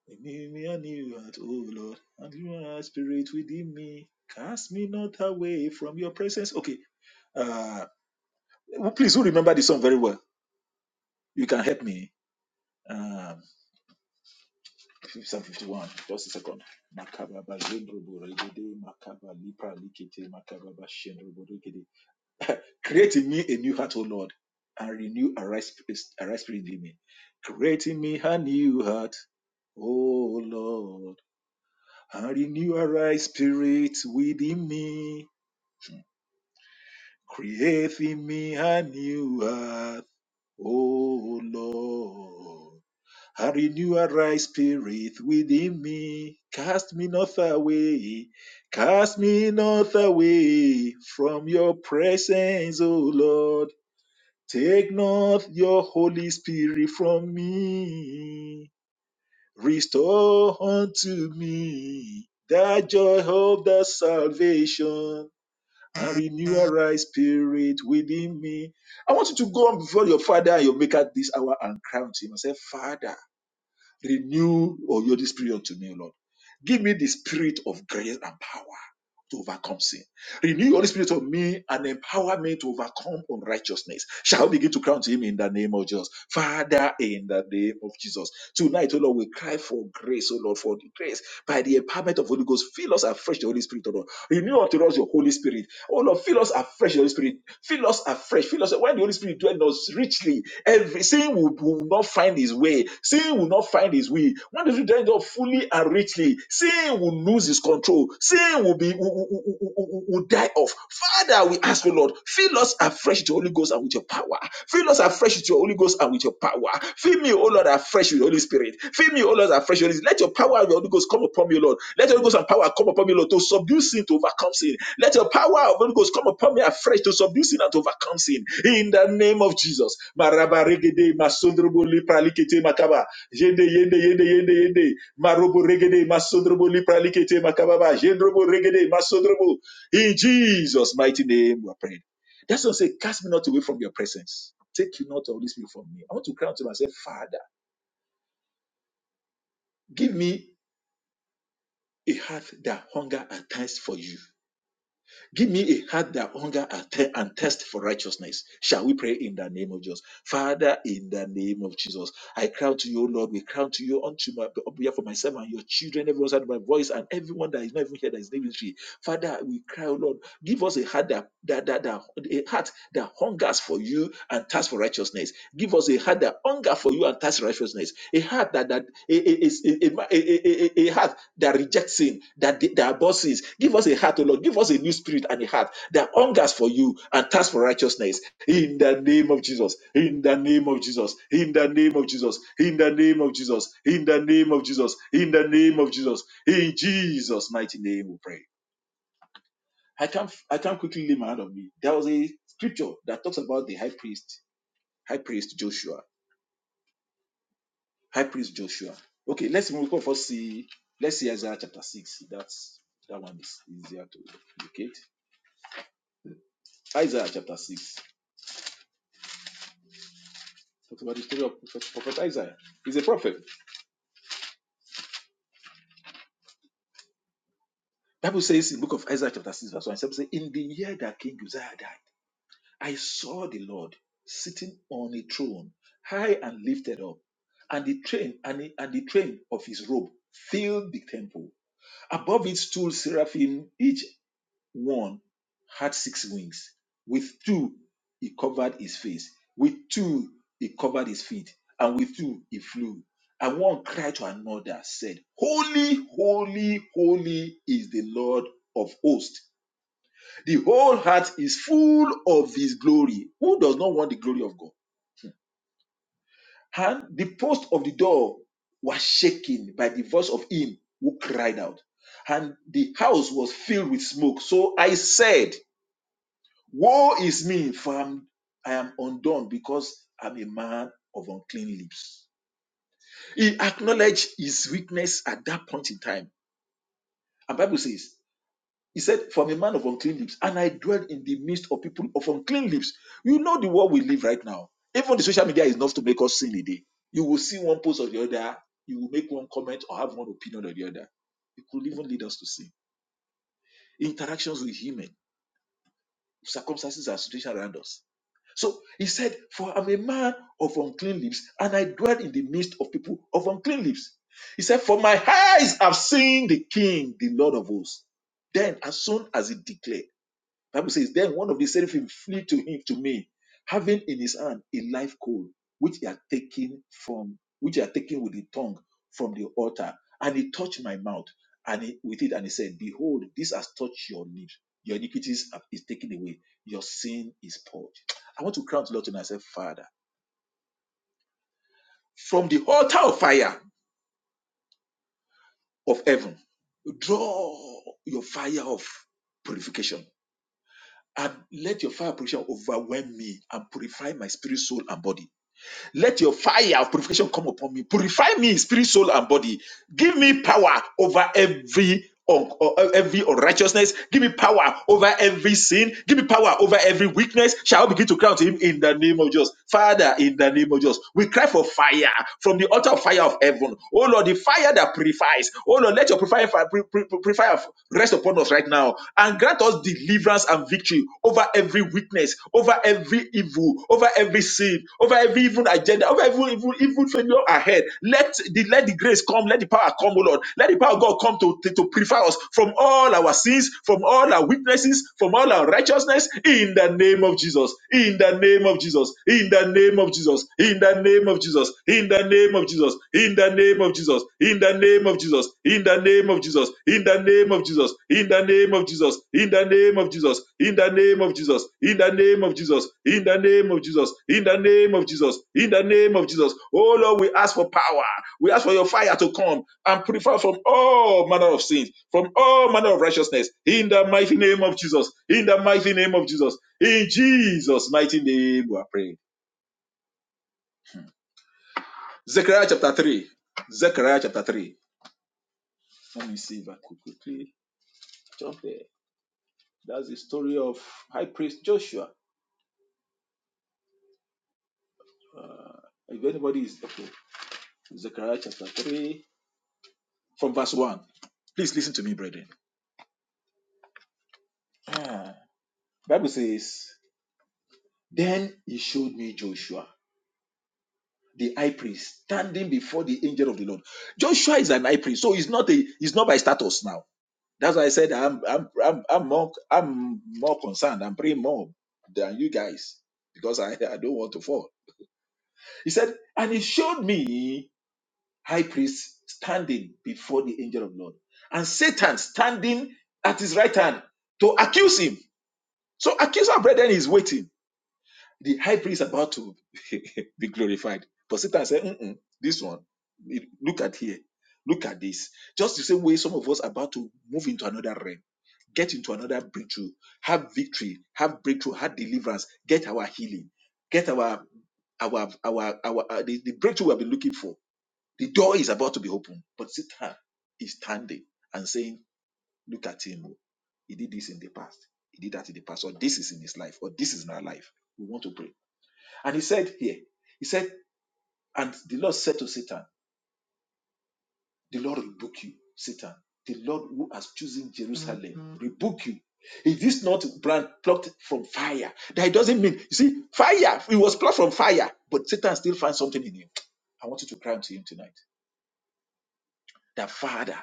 S2: renew in me a new heart, O Lord, and deliver a spirit within me. Cast me not away from your presence. Okay, uh, who- please, who remember the song very well? You can help me. Um, Psalm 51, just a second. Makababa zendrobo regede, makaba lipra likete, makababa shendrobo regede. Create in me a new heart, O Lord, and renew a right spirit, a right spirit in me. Create in me a new heart, O Lord, and renew a right spirit within me. Create in me a new heart, O Lord, and renew a right spirit within me. Cast me not away, cast me not away from your presence, O Lord. Take not your Holy Spirit from me. Restore unto me that joy of the salvation and renew a right spirit within me. I want you to go on before your Father and your Maker this hour and crown him and say, Father. Renew or your this period to me, Lord. Give me the spirit of grace and power to overcome sin. Renew your Holy spirit of me and empower me to overcome unrighteousness. Shall we begin to crown to him in the name of Jesus? Father, in the name of Jesus. Tonight, O Lord, we cry for grace, O Lord, for the grace by the empowerment of Holy Ghost. Fill us afresh, the Holy Spirit, O Lord. Renew unto us your Holy Spirit. O Lord, fill us afresh, the Holy Spirit Fill us afresh. Fill us when the Holy Spirit dwells in us richly. Every sin will, will not find his way. Sin will not find his way. When the Spirit dwells in us fully and richly, sin will lose his control. Sin will be will, will, will- will- die off. Father, we ask, O Lord, fill us afresh with the Holy Ghost and with your power. Fill us afresh afresh with your Holy Ghost and with your power. Fill me, O Lord, afresh with the Holy Spirit. Fill me, O Lord, afresh with the Holy Spirit. Let your power of your Holy Ghost come upon me, Lord. Let your Holy Ghost and power come upon me, Lord, to subdue sin, to overcome sin. Let your power of Holy Ghost come upon me afresh to subdue sin and to overcome sin. In the name of Jesus. Maraba regede, masondrobo lipra likete makaba. Yende, yende, yende, yende, yende. Marobo regede, masondrobo lipra likete makababa. Jendrobo regede, masondrobo. In Jesus' mighty name, we pray. That's what I say, cast me not away from your presence. Take you not all this spirit from me. I want to cry unto myself, Father, give me a heart that hunger and thirst for you. Give me a heart that hunger and thir- and thirst for righteousness. Shall we pray in the name of Jesus? Father, in the name of Jesus, I cry to you, O Lord. We cry to you unto my on behalf of myself and your children, everyone outside my voice, and everyone that is not even here that is not even free. Father, we cry, O Lord. Give us a heart that, that, that, that a heart that hungers for you and thirsts for righteousness. Give us a heart that hunger for you and thirsts for righteousness. A heart that that a, a, a, a, a, a a heart that rejects sin, that that abuses. Give us a heart, O Lord. Give us a new spirit and a heart that hungers for you and thirsts for righteousness. In the name of Jesus. In the name of Jesus. In the name of Jesus. In the name of Jesus. In the name of Jesus. In the name of Jesus. In Jesus' mighty name, we pray. I can't I can't quickly lay my hand on me. There was a scripture that talks about the high priest, high priest Joshua, high priest Joshua. Okay, let's move on first see let's see Isaiah chapter six. That's that one is easier to locate. Isaiah chapter six. Talks about the story of prophet, prophet Isaiah. He's a prophet. Bible says in the book of Isaiah chapter six verse one. it says, In the year that King Uzziah died. I saw the Lord sitting on a throne, high and lifted up, and the train and, the- and the train of his robe filled the temple. Above it stood seraphim, each one had six wings. With two he covered his face, with two he covered his feet, and with two he flew. And one cried to another, said, Holy, holy, holy is the Lord of hosts the whole heart is full of his glory. Who does not want the glory of God? And the post of the door was shaken by the voice of him who cried out. And the house was filled with smoke. So I said, Woe is me, for I'm, I am undone because I'm a man of unclean lips. He acknowledged his weakness at that point in time. And Bible says, He said, From a man of unclean lips, and I dwell in the midst of people of unclean lips. You know the world we live right now. Even the social media is enough to make us sin a day. You will see one post or the other, you will make one comment or have one opinion or the other. It could even lead us to sin. Interactions with human, circumstances and situations around us. So he said, For I'm a man of unclean lips, and I dwell in the midst of people of unclean lips. He said, For my eyes have seen the king, the Lord of hosts. Then, as soon as he declared, Bible says, Then one of the seraphim flew to him to me, having in his hand a live coal, which he had taken from which he had taken with the tongue from the altar, and he touched my mouth, and he, with it, and he said, Behold, this has touched your lips. Your iniquities are- is taken away. Your sin is purged. I want to crown the Lord tonight and say, Father, from the altar of fire of heaven, draw your fire of purification and let your fire of purification overwhelm me and purify my spirit, soul, and body Let your fire of purification come upon me. Purify me in spirit, soul, and body. Give me power over every un- or every unrighteousness. Give me power over every sin. Give me power over every weakness. Shall I begin to cry to him in the name of Jesus? Father, in the name of Jesus, we cry for fire from the altar of fire of heaven. Oh Lord, the fire that purifies. Oh Lord, let your purifier, purifier rest upon us right now and grant us deliverance deliverance and victory over every weakness, over every evil, over every sin, over every evil agenda, over every evil, evil failure ahead. Let the let the grace come, let the power come, O Lord. Let the power of God come to, to, to purify us from all our sins, from all our weaknesses, from all our righteousness, in the name of Jesus, in the name of Jesus, in the name of Jesus, in the name of Jesus, in the name of Jesus, in the name of Jesus, in the name of Jesus, in the name of Jesus, in the name of Jesus, in the name of Jesus, in the name of Jesus, in the name of Jesus, in the name of Jesus, in the name of Jesus, in the name of Jesus, in the name of Jesus. Oh Lord, we ask for power. We ask for your fire to come and purify from all manner of sins, from all manner of righteousness, in the mighty name of Jesus, in the mighty name of Jesus, in Jesus' mighty name we are praying. Zechariah chapter 3. Zechariah chapter 3. Let me see if I could quickly jump there. That's the story of High Priest Joshua. If anybody is okay, Zechariah chapter 3, from verse 1. Please listen to me, brethren. Ah, Bible says, Then he showed me Joshua, the high priest, standing before the angel of the Lord. Joshua is an high priest, so he's not a he's not by status now. That's why I said I'm I'm I'm, I'm more I'm more concerned. I'm praying more than you guys because I, I don't want to fall. He said, and he showed me. high priest standing before the angel of the Lord, and Satan standing at his right hand to accuse him. So accuse our brethren is waiting. The high priest is about to be glorified, but Satan said, Mm-mm, "This one, look at here, look at this." Just the same way some of us are about to move into another realm get into another breakthrough, have victory, have breakthrough, have deliverance, get our healing, get our our our our, uh, the, the breakthrough we have been looking for the door is about to be opened, but Satan is standing and saying, Look at him. oh. He did this in the past. He did that in the past. Or this is in his life. Or this is in our life. We want to pray. And he said here, he said, and the Lord said to Satan, The Lord rebuke you, Satan. The Lord who has chosen Jerusalem mm-hmm. rebuke you. Is this not brand plucked from fire? That doesn't mean, you see, fire, it was plucked from fire, but Satan still finds something in him. I want you to cry to him tonight. That Father,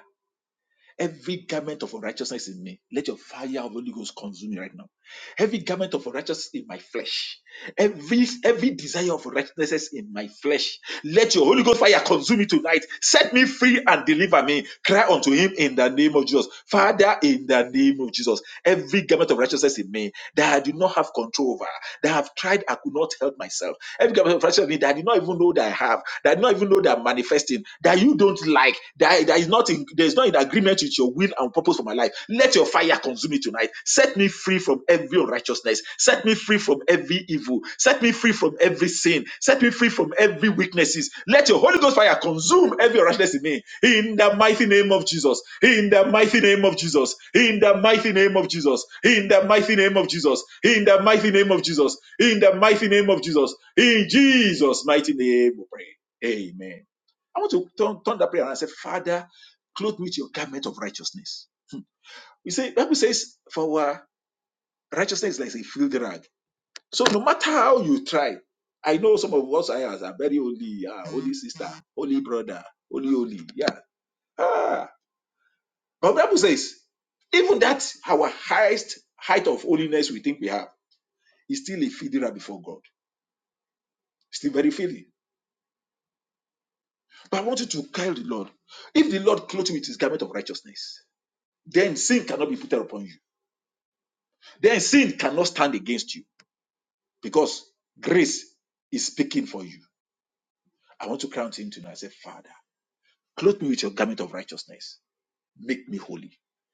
S2: Every garment of unrighteousness in me, let your fire of Holy Ghost consume me right now. Every garment of unrighteousness in my flesh, every every desire of unrighteousness in my flesh, let your Holy Ghost fire consume me tonight. Set me free and deliver me. Cry unto Him in the name of Jesus, Father, in the name of Jesus. Every garment of righteousness in me that I do not have control over, that I've tried, I could not help myself. Every kind of me that I did not even know that I have, that I did not even know that I'm manifesting, that you don't like, that, that is not in there is not in agreement with your will and purpose for my life. Let your fire consume me tonight. Set me free from every unrighteousness. Set me free from every evil. Set me free from every sin. Set me free from every weaknesses. Let your Holy Ghost fire consume every rashness in me. In the mighty name of Jesus. In the mighty name of Jesus. In the mighty name of Jesus. In the mighty name of Jesus. In the mighty name of Jesus. In the mighty name of Jesus. In Jesus' mighty name we pray. Amen. I want to turn, turn that prayer and say, Father, clothe me with your garment of righteousness. You see, Bible says, for our righteousness is like a filthy rag. So no matter how you try, I know some of us I are very holy, ah, holy sister, holy brother, holy, holy. Yeah. Ah. But Bible says, even that our highest height of holiness we think we have is still a fiddler before God. Still very failing. But I want you to carry the Lord. If the Lord clothe you with his garment of righteousness, then sin cannot be put upon you. Then sin cannot stand against you because grace is speaking for you. I want to crown him tonight. I say, Father, clothe me with your garment of righteousness make me holy.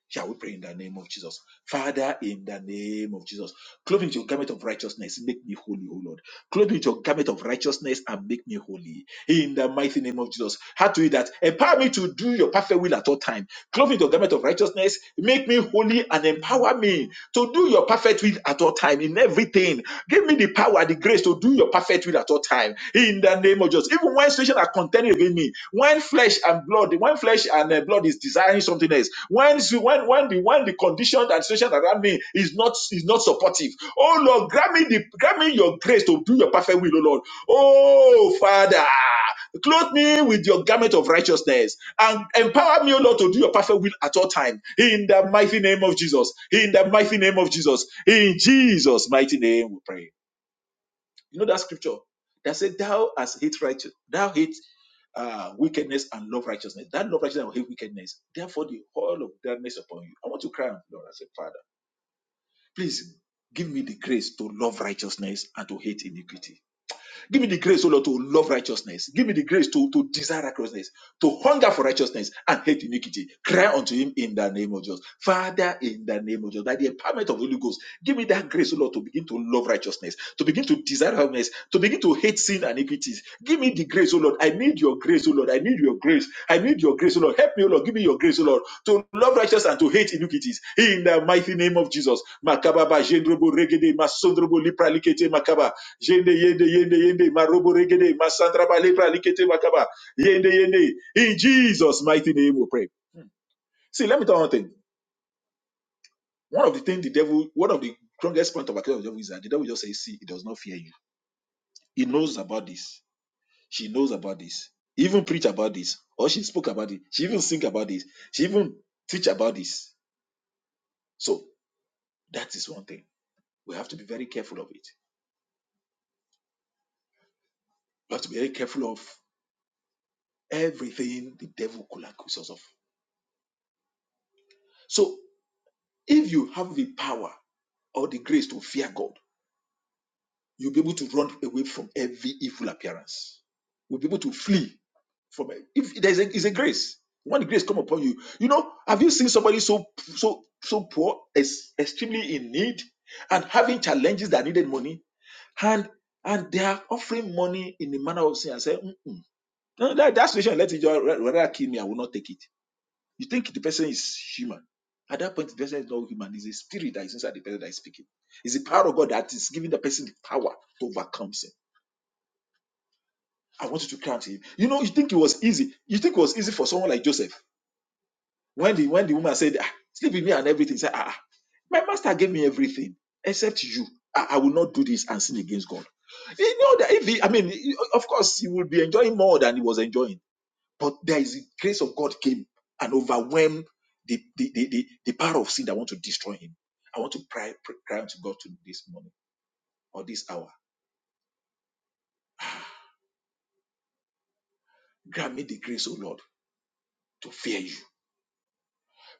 S2: Shall we pray in the name of Jesus? Father, in the name of Jesus, clothe me with your garment of righteousness, make me holy, O Lord. Clothe me with your garment of righteousness and make me holy. In the mighty name of Jesus. How to do that? Empower me to do your perfect will at all time. Clothe me with your garment of righteousness, make me holy and empower me me to do your perfect will at all time in everything. Give me the power, the grace to do your perfect will at all time in the name of Jesus. Even when situations are contending within me, when flesh and blood, when flesh and uh, blood is desiring something else, when when when the when the conditions and situations around me is not is not supportive. Oh Lord, grant me the grant me your grace to do your perfect will, oh Lord. Oh Father, clothe me with your garment of righteousness and empower me, O Lord, to do your perfect will at all time. In the mighty name of Jesus. In the mighty name of Jesus. In Jesus' mighty name, we pray. You know that scripture that said, "Thou hast hate righteous, thou hate uh, wickedness and love righteousness. That love righteousness will hate wickedness. Therefore, the whole of darkness upon you." I want to cry, out, Lord, and say, Father, please give me the grace to love righteousness and to hate iniquity. Give me the grace, O Lord, to love righteousness. Give me the grace to, to desire righteousness, to hunger for righteousness and hate iniquity. Cry unto him in the name of Jesus. Father, in the name of Jesus, by the empowerment of the Holy Ghost, give me that grace, O Lord, to begin to love righteousness, to begin to desire holiness, to begin to hate sin and iniquities. Give me the grace, O Lord. I need your grace, O Lord. I need your grace. I need your grace, O Lord. Help me, O Lord. Give me your grace, O Lord, to love righteousness and to hate iniquities. In the mighty name of Jesus. Makababa, Jendrobo, Regede, Masondrobo, Lipralikete, Makaba. Yende, yende, yende, yende, marobo regede, masandraba lepra likete makaba. Yende, yende. In Jesus' mighty name we pray. See, let me tell you one thing. One of the things the devil, one of the strongest point of account of the devil is that the devil just says, see, he does not fear you. He knows about this. She knows about this. He even preach about this. Or she spoke about it. She even sing about this. She even teach about this. So that is one thing. We have to be very careful of it. We have to be very careful of everything the devil could accuse us of. So If you have the power or the grace to fear God, you'll be able to run away from every evil appearance. You'll be able to flee from it. If there's a, is a grace, when the grace come upon you, you know, have you seen somebody so so so poor, is extremely in need, and having challenges that needed money, and and they are offering money in the manner of sin and say, "Mm-mm. No, that, that situation, let it just rather kill me. I will not take it. You think the person is human. At that point, the person is not human. It's a spirit that is inside the person that is speaking. It's the power of God that is giving the person the power to overcome sin. I want you to cry to him. You know, you think it was easy. You think it was easy for someone like Joseph. When the when the woman said, ah, sleep with me and everything, he said, ah, ah, my master gave me everything except you. I, I will not do this and sin against God. You know that if he, I mean, of course, he will be enjoying more than he was enjoying But there is the grace of God came and overwhelmed the, the, the, the, the power of sin that want to destroy him. I want to pray, pray, cry unto God to this morning or this hour. Grant me the grace, O Lord, to fear you.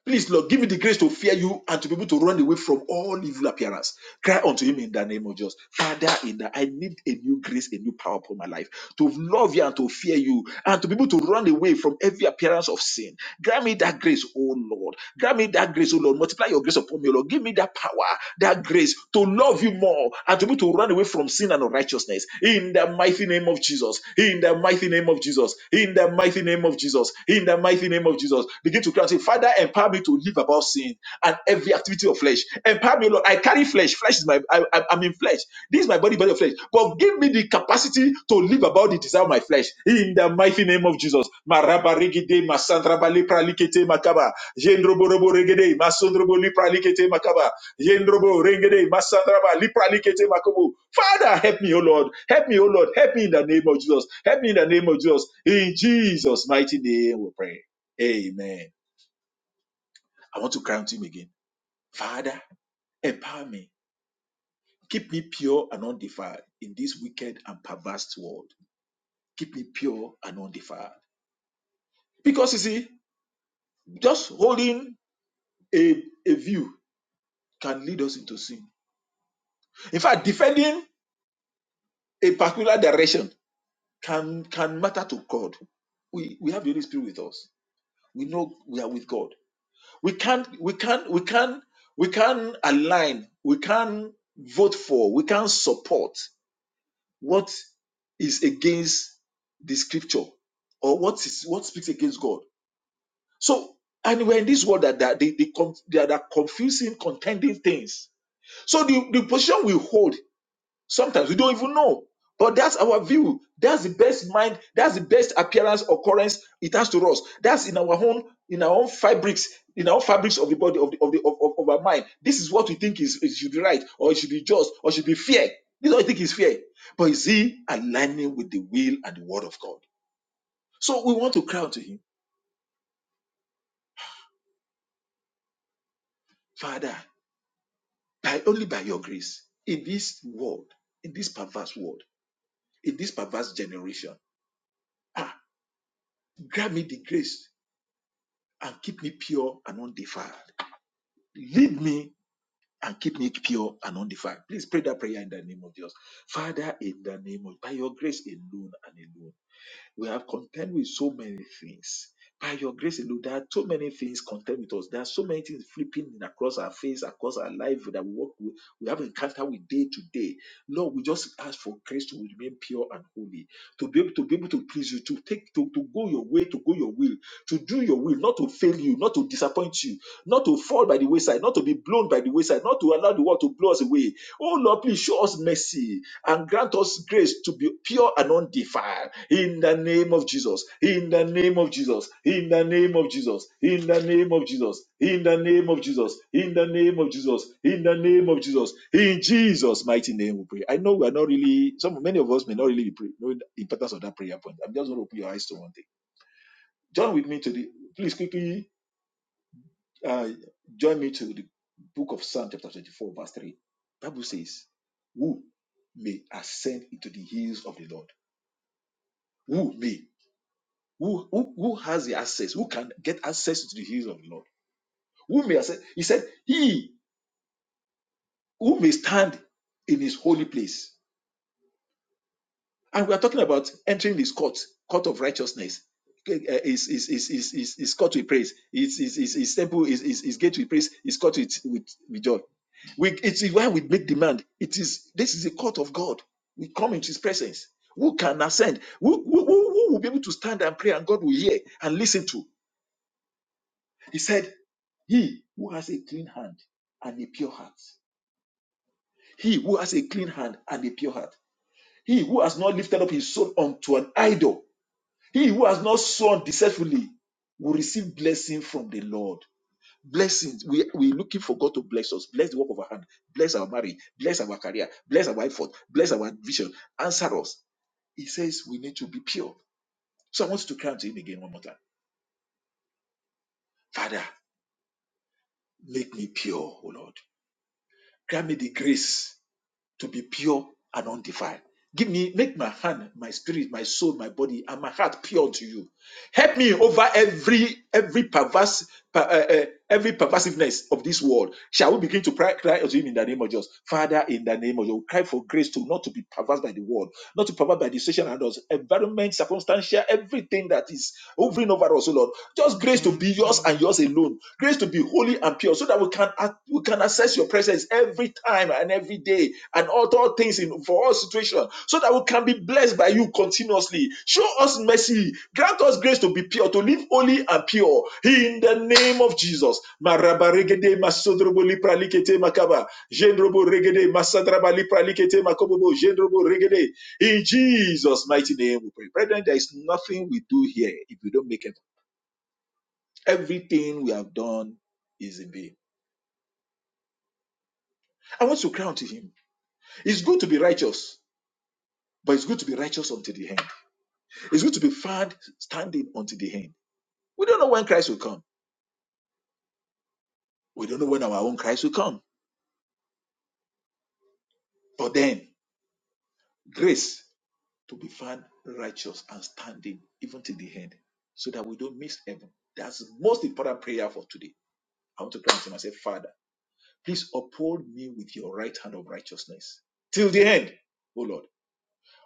S2: Please, Lord, give me the grace to fear you and to be able to run away from all evil appearance. Cry unto him in the name of Jesus. Father, in the, I need a new grace, a new power upon my life to love you and to fear you and to be able to run away from every appearance of sin. Grant me that grace, oh Lord. Grant me that grace, oh Lord. Multiply your grace upon me, oh Lord. Give me that power, that grace to love you more more and to be to run away from sin and unrighteousness in the mighty name of Jesus. In the mighty name of Jesus. In the mighty name of Jesus. In the mighty name of Jesus. Begin to cry and say, Father, empower me to live above sin and every activity of flesh. Empower me, Lord. I carry flesh. Flesh is my, I, I, I'm in flesh. This is my body, body of flesh. But give me the capacity to live about the desire of my flesh. In the mighty name of Jesus. Maraba regede, masandraba lepra likete makaba. Jendrobo robo regede, masondrobo lepra likete makaba. Yendrobo, Rengede, Masandraba, Lipralikete, Makobo. Father, help me, O Lord. Help me, O Lord. Help me in the name of Jesus. Help me in the name of Jesus. In Jesus' mighty name we pray. Amen. I want to crown him again. Father, empower me. Keep me pure and undefiled in this wicked and perverse world. Keep me pure and undefiled. Because you see, just holding a, a view can lead us into sin. In fact, defending a particular direction can can matter to God. We we have the Holy Spirit with us. We know we are with God. We can't we can't we can't we can't align. We can't vote for. We can't support what is against the Scripture or what is what speaks against God. So and we're in this world that that they, they, con- they are that confusing contending things. So the, the position we hold Sometimes we don't even know. But that's our view. That's the best mind. That's the best appearance occurrence it has to us. That's in our own in our own fabrics, in our own fabrics of the body of the, of, the, of, of, of our mind. This is what we think is it should be right, or it should be just, or it should be fair. This is what we think is fair. But is he aligning with the will and the word of God? So we want to cry out to him, Father, by only by your grace, in this world, in this perverse world, in this perverse generation, ah, grant me the grace and keep me pure and undefiled. Lead me and keep me pure and undefiled. Please pray that prayer in the name of Jesus. Father, in the name of by your grace alone and alone. We have contend with so many things. By your grace alone, there are so many things contend with us. There are so many things flipping in across our face, across our life that we walk with. We have encounter with day to day. Lord, we just ask for grace to remain pure and holy, to be able to be able to please you, to take to, to go your way, to go your will, to do your will, not to fail you, not to disappoint you, not to fall by the wayside, not to be blown by the wayside, not to allow the world to blow us away. Oh Lord, please show us mercy and grant us grace to be pure and undefiled. In the name of Jesus, in the name of Jesus, in the name of Jesus, in the name of Jesus, in the name of Jesus, in the name of Jesus, in the name of Jesus, in Jesus' mighty name we pray. I know we are not really, some many of us may not really be pray, know the importance of that prayer point. I'm just going to open your eyes to one thing. Join with me to the, please quickly uh, join me to the book of Psalm chapter 24, verse 3. Bible says, Who may ascend into the hills of the Lord? Who may? Who, who, who has the access? Who can get access to the hills of the Lord? Who may access? He said, He who may stand in his holy place. And we are talking about entering his court, court of righteousness. Eh, eh, His, his, his, his, his, his court with praise, his, his, his, his temple, his, his, his gate with praise, his court with, with, with joy. We, it is why we make demand. It is this is the court of God. We come into His presence. Who can ascend? Who, who, who who will be able to stand and pray, and God will hear and listen to? He said, He who has a clean hand and a pure heart, he who has a clean hand and a pure heart, he who has not lifted up his soul unto an idol, he who has not sown deceitfully, will receive blessing from the Lord. Blessings. We we looking for God to bless us, bless the work of our hand, bless our marriage, bless our career, bless our effort, bless our vision. Answer us. He says we need to be pure. So I want you to cry to him again one more time. Father, make me pure, O Lord. Grant me the grace to be pure and undefiled. Give me, make my hand, my spirit, my soul, my body, and my heart pure to you. Help me over every every perverse per- uh, uh, every perversiveness of this world. Shall we begin to pray, cry unto Him in the name of Jesus, Father? In the name of Jesus, we cry for grace to not to be perverse by the world, not to be perverse by the situation and us, environment, circumstantial, everything that is hovering over us, O Lord. Just grace to be yours and yours alone. Grace to be holy and pure, so that we can we can access your presence every time and every day and all, all things in for all situations so that we can be blessed by you continuously show us mercy grant us grace to be pure to live holy and pure in the name of jesus Marabaregede masodrobo lipralikete makaba. Jendrobo regede masadraba lipralikete makobobo. Jendrobo regede. in jesus mighty name we pray brethren there is nothing we do here if we don't make it everything we have done is in vain i want to crown to him It's good to be righteous, but it's good to be righteous until the end. It's good to be found standing until the end. We don't know when Christ will come. We don't know when our own Christ will come. But then, grace to be found righteous and standing even till the end so that we don't miss heaven. That's the most important prayer for today. I want to pray unto myself, Father, please uphold me with your right hand of righteousness till the end, oh Lord.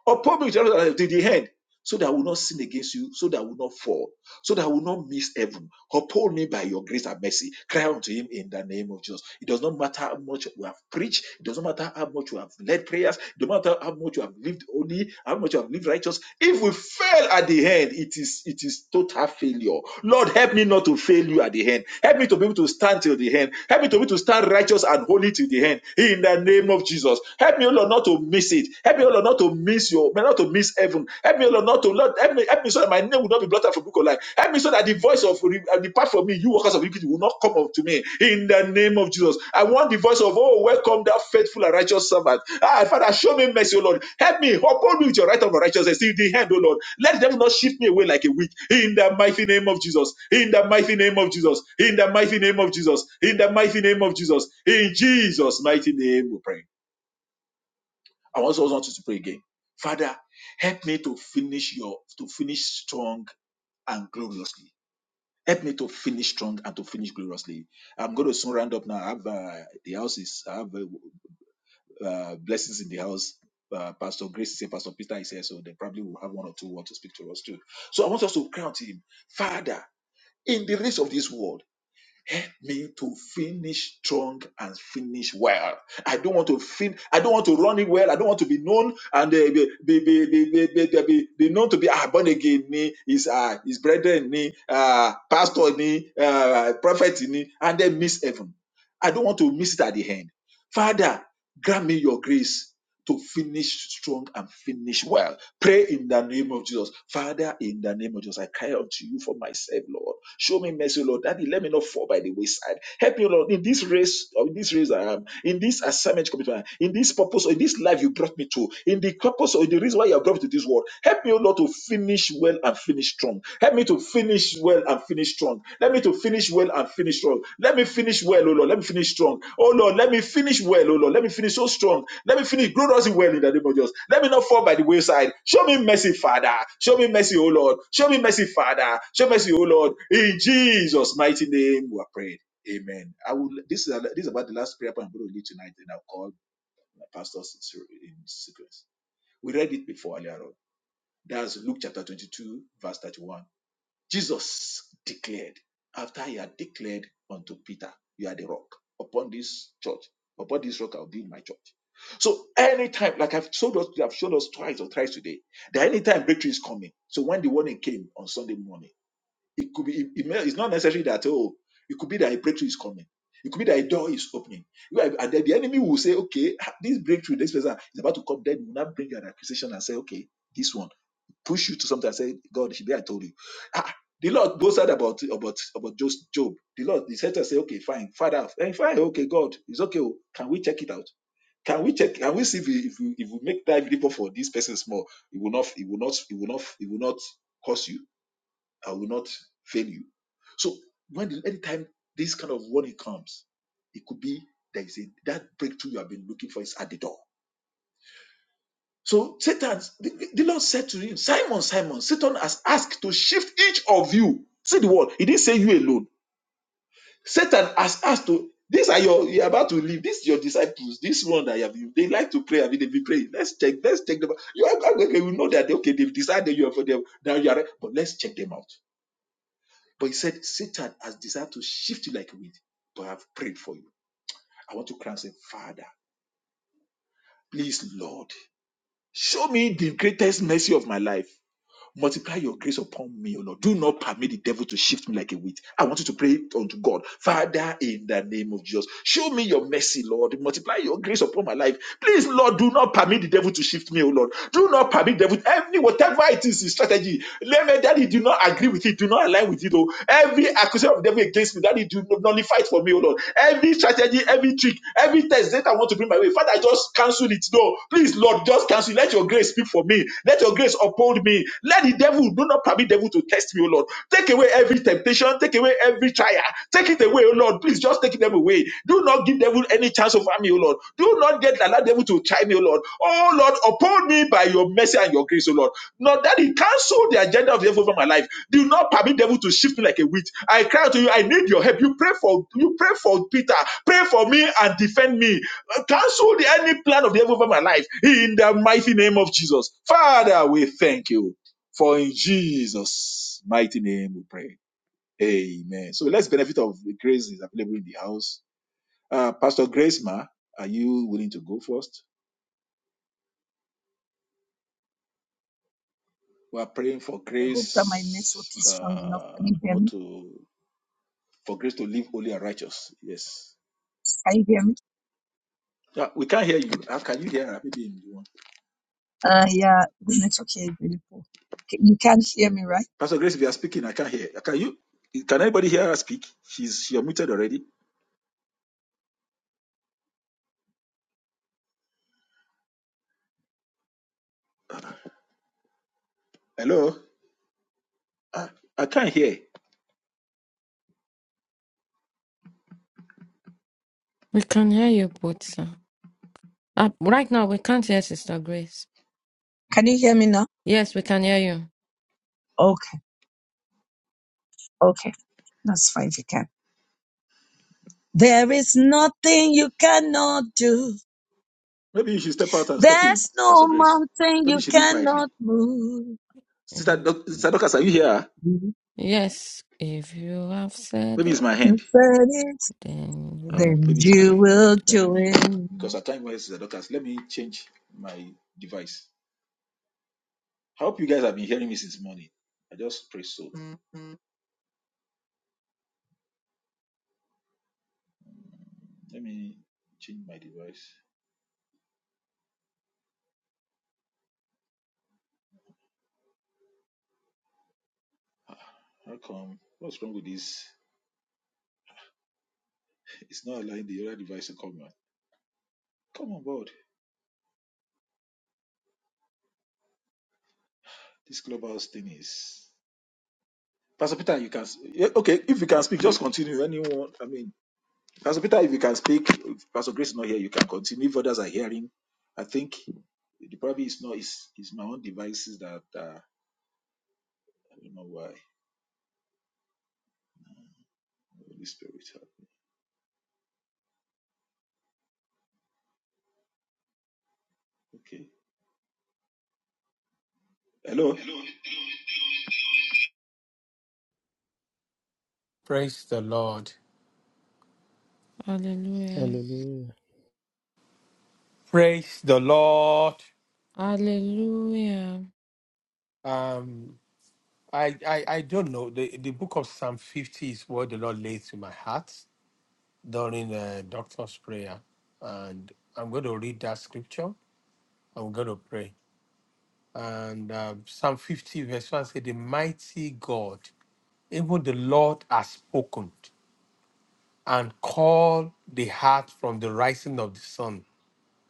S2: Uphold me with your right hand till the end so that I will not sin against you, so that I will not fall so that I will not miss heaven. Uphold me by your grace and mercy. Cry unto him in the name of Jesus. It does not matter how much we have preached, it doesn't matter how much we have led prayers, it doesn't matter how much we have lived holy, how much we have lived righteous. If we fail at the end, it is it is total failure. Lord, help me not to fail you at the end. Help me to be able to stand till the end. Help me to be able to stand righteous and holy till the end. In the name of Jesus. Help me, O Lord, not to miss it. Help me, O Lord, not to miss your not to to miss heaven. Help me, Lord, not to Lord, help me, help me so that my name will not be blotted out from book of life. Help me so that the voice of re- uh, depart from me, you workers of iniquity, will not come up to me. In the name of Jesus, I want the voice of oh, welcome that faithful and righteous servant. Ah, Father, show me mercy, O Lord. Help me, uphold me with your right of righteousness. In the hand, O Lord, let them not shift me away like a weak. In the mighty name of Jesus. In the mighty name of Jesus. In the mighty name of Jesus. In the mighty name of Jesus. In Jesus' mighty name, we pray. I also want you to pray again. Father, help me to finish your to finish strong and gloriously. Help me to finish strong and to finish gloriously. I'm going to soon round up now. I have uh, the house is I have uh, uh, blessings in the house. Uh, Pastor Grace is here, Pastor Peter is here, so they probably will have one or two want to speak to us too. So I want us to cry out to him, Father, in the rest of this world. Help me to finish strong and finish well. I don't want to fin- I don't want to run it well. I don't want to be known and uh, be, be, be, be, be, be, be, be, be known to be ah, born again ni his uh, his brethren ni uh, pastor ni uh, prophet ni and then miss heaven. I don't want to miss it at the end. Father, grant me your grace to finish strong and finish well Pray in the name of Jesus. Father, in the name of Jesus, I cry unto you for myself, Lord. Show me mercy, Lord. Daddy, let me not fall by the wayside. Help me, Lord, in this race, or in this race I am, in this assignment commitment, in this purpose, or in this life you brought me to, in the purpose or in the reason why you have brought me to this world. Help me, Lord, to finish well and finish strong. Help me to finish well and finish strong. Let me to finish well and finish strong. Let me finish well, oh Lord. Let me finish strong. Oh Lord, let me finish well, oh Lord. Let me finish so strong. Let me finish grow us well in the name of Jesus. Let me not fall by the wayside. Show me mercy, Father. Show me mercy, oh Lord. Show me mercy, Father. Show mercy, oh Lord. In Jesus' mighty name, we are prayed. Amen. I will. This is this is about the last prayer point I'm going to lead tonight, and I'll call my pastors in sequence. We read it before earlier on. That's Luke chapter 22, verse 31. Jesus declared, after he had declared unto Peter, You are the rock. Upon this church, upon this rock, I'll build my church. So anytime, like I've showed us, I've showed us twice or thrice today, that anytime breakthrough is coming. So when the warning came on Sunday morning, it could be it, it may- it's not necessary that oh, it could be that a breakthrough is coming. It could be that a door is opening. You are- And then the enemy will say, okay, ah, this breakthrough, this person is about to come. Then will not bring an accusation and say, okay, this one push you to something and say, God, should be I told you. Ah, the Lord goes out about about about just Job. The Lord, the Satan say, okay, fine, Father, eh, fine, okay, God, it's okay. oh, Can we check it out? Can we check? Can we see if we if we, if we make that report for this person small, it will not it will not it will not it will not cause you. I will not fail you. So when the- anytime this kind of warning comes, it could be there is a that breakthrough you have been looking for is at the door so Satan, the, the Lord said to him, Simon, Simon, Satan has asked to shift each of you. See the word. He didn't say you alone. Satan has asked to. These are your. You're about to leave. These your disciples. This one that you have. They like to pray. I mean, they be praying. Let's check. Let's check them. out. You are, okay, okay, we know that. Okay, they've decided you are for them. Now you are. But let's check them out. But he said, Satan has decided to shift you like a wind. But I've prayed for you. I want to cry and say, Father, please, Lord, show me the greatest mercy of my life. Multiply your grace upon me, O Lord. Do not permit the devil to shift me like a wheat. I want you to pray unto God, Father, in the name of Jesus. Show me your mercy, Lord. Multiply your grace upon my life. Please, Lord, do not permit the devil to shift me, O Lord. Do not permit the devil, every whatever it is, his strategy. Let me, Daddy, do not agree with it. Do not align with it, oh. Every accusation of the devil against me, Daddy, do not nullify it for me, O Lord. Every strategy, every trick, every test that I want to bring my way. Father, I just cancel it. No, please, Lord, just cancel. it. Let your grace speak for me. Let your grace uphold me. Let the devil, do not permit devil to test me, O Lord. Take away every temptation. Take away every trial. Take it away, O Lord. Please just take them away. Do not give devil any chance over me, O Lord. Do not get allow devil to try me, O Lord. Oh Lord, uphold me by your mercy and your grace, O Lord. Not that he cancel the agenda of the devil over my life. Do not permit devil to shift me like a witch. I cry out to you. I need your help. You pray for you pray for Peter. Pray for me and defend me. Uh, Cancel the any plan of the devil over my life in the mighty name of Jesus. Father, we thank you for in Jesus' mighty name we pray. Amen. So let's benefit of the grace is available in the house. Uh, Pastor Grace Ma, are you willing to go first? We are praying for
S4: I hope that my network
S2: grace,
S4: is strong enough.
S2: uh,
S4: Can you hear
S2: not
S4: me?
S2: to for grace to live holy and righteous. Yes.
S4: Can you hear me?
S2: Yeah, we can't hear you. How can you hear her? Maybe in the
S4: Uh, yeah, the network here is really poor. K- You can't hear me, right?
S2: Pastor Grace, if you are speaking, I can't hear. Can you? Can anybody hear her speak? She's she muted already. Hello. I, I can't hear.
S3: We can hear you, but uh, uh, right now we can't hear Sister Grace.
S4: Can you hear me now?
S3: Yes, we can hear you.
S4: Okay, okay, that's fine if you can. There is nothing you cannot do.
S2: Maybe you should step out and step in,
S4: There's no
S2: Pastor Grace.
S4: mountain
S2: Maybe
S4: you
S2: she leave
S4: cannot
S2: quietly.
S4: move.
S2: Sister
S3: Mm.
S2: Doc- Sister Dorcas, are you here?
S4: You
S3: Yes, if you have said
S2: Maybe it's
S3: it,
S2: my
S4: can
S2: hand.
S4: set it,
S2: Ah,
S3: then
S4: then
S2: maybe it's my
S4: you
S2: hand. oh.
S4: will
S3: you
S2: Then let
S4: do
S3: do.
S2: me, because
S4: it.
S2: our time was Sister Dorcas. Let me change my device. I hope you guys have been hearing me since morning. I just pray so. Let me change my device. How come? What's wrong with this? It's not allowing the other device to come on. Come on board. This clubhouse thing is. Pastor Peter, you can. yeah, Okay, if you can speak, just continue. Anyone, I mean, Pastor Peter, if you can speak, if Pastor Grace is not here, you can continue. If others are hearing, I think the problem is not. It's, it's my own devices that. Uh, I don't know why. Holy Spirit. uh, Okay. Hello.
S5: Praise the Lord.
S3: Hallelujah.
S6: Hallelujah.
S5: Praise the Lord.
S3: Hallelujah.
S5: Um, I, I I don't know. The the book of Psalm 50 is what the Lord laid to my heart during the doctor's prayer. And I'm going to read that scripture. I'm going to pray. And um, Psalm 50, verse 1 said, The mighty God, even the Lord has spoken and called the heart from the rising of the sun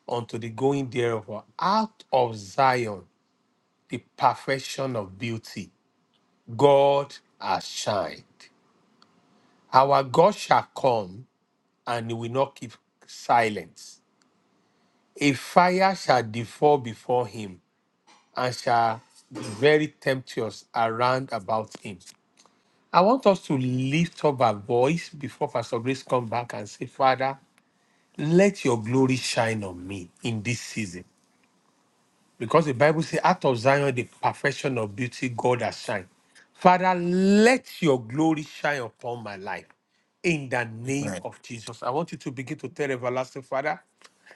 S5: unto the going thereof out of Zion. the perfection of beauty. God has shined. Our God shall come and he will not keep silence. A fire shall devour before him and shall be very tempestuous around about him. I want us to lift up our voice before Pastor Grace come back and say, Father, let your glory shine on me in this season. Because the Bible says, out of Zion, the perfection of beauty, God has shined. Father, let your glory shine upon my life. In the name
S1: Amen.
S5: of Jesus. I want you to begin to tell everlasting Father,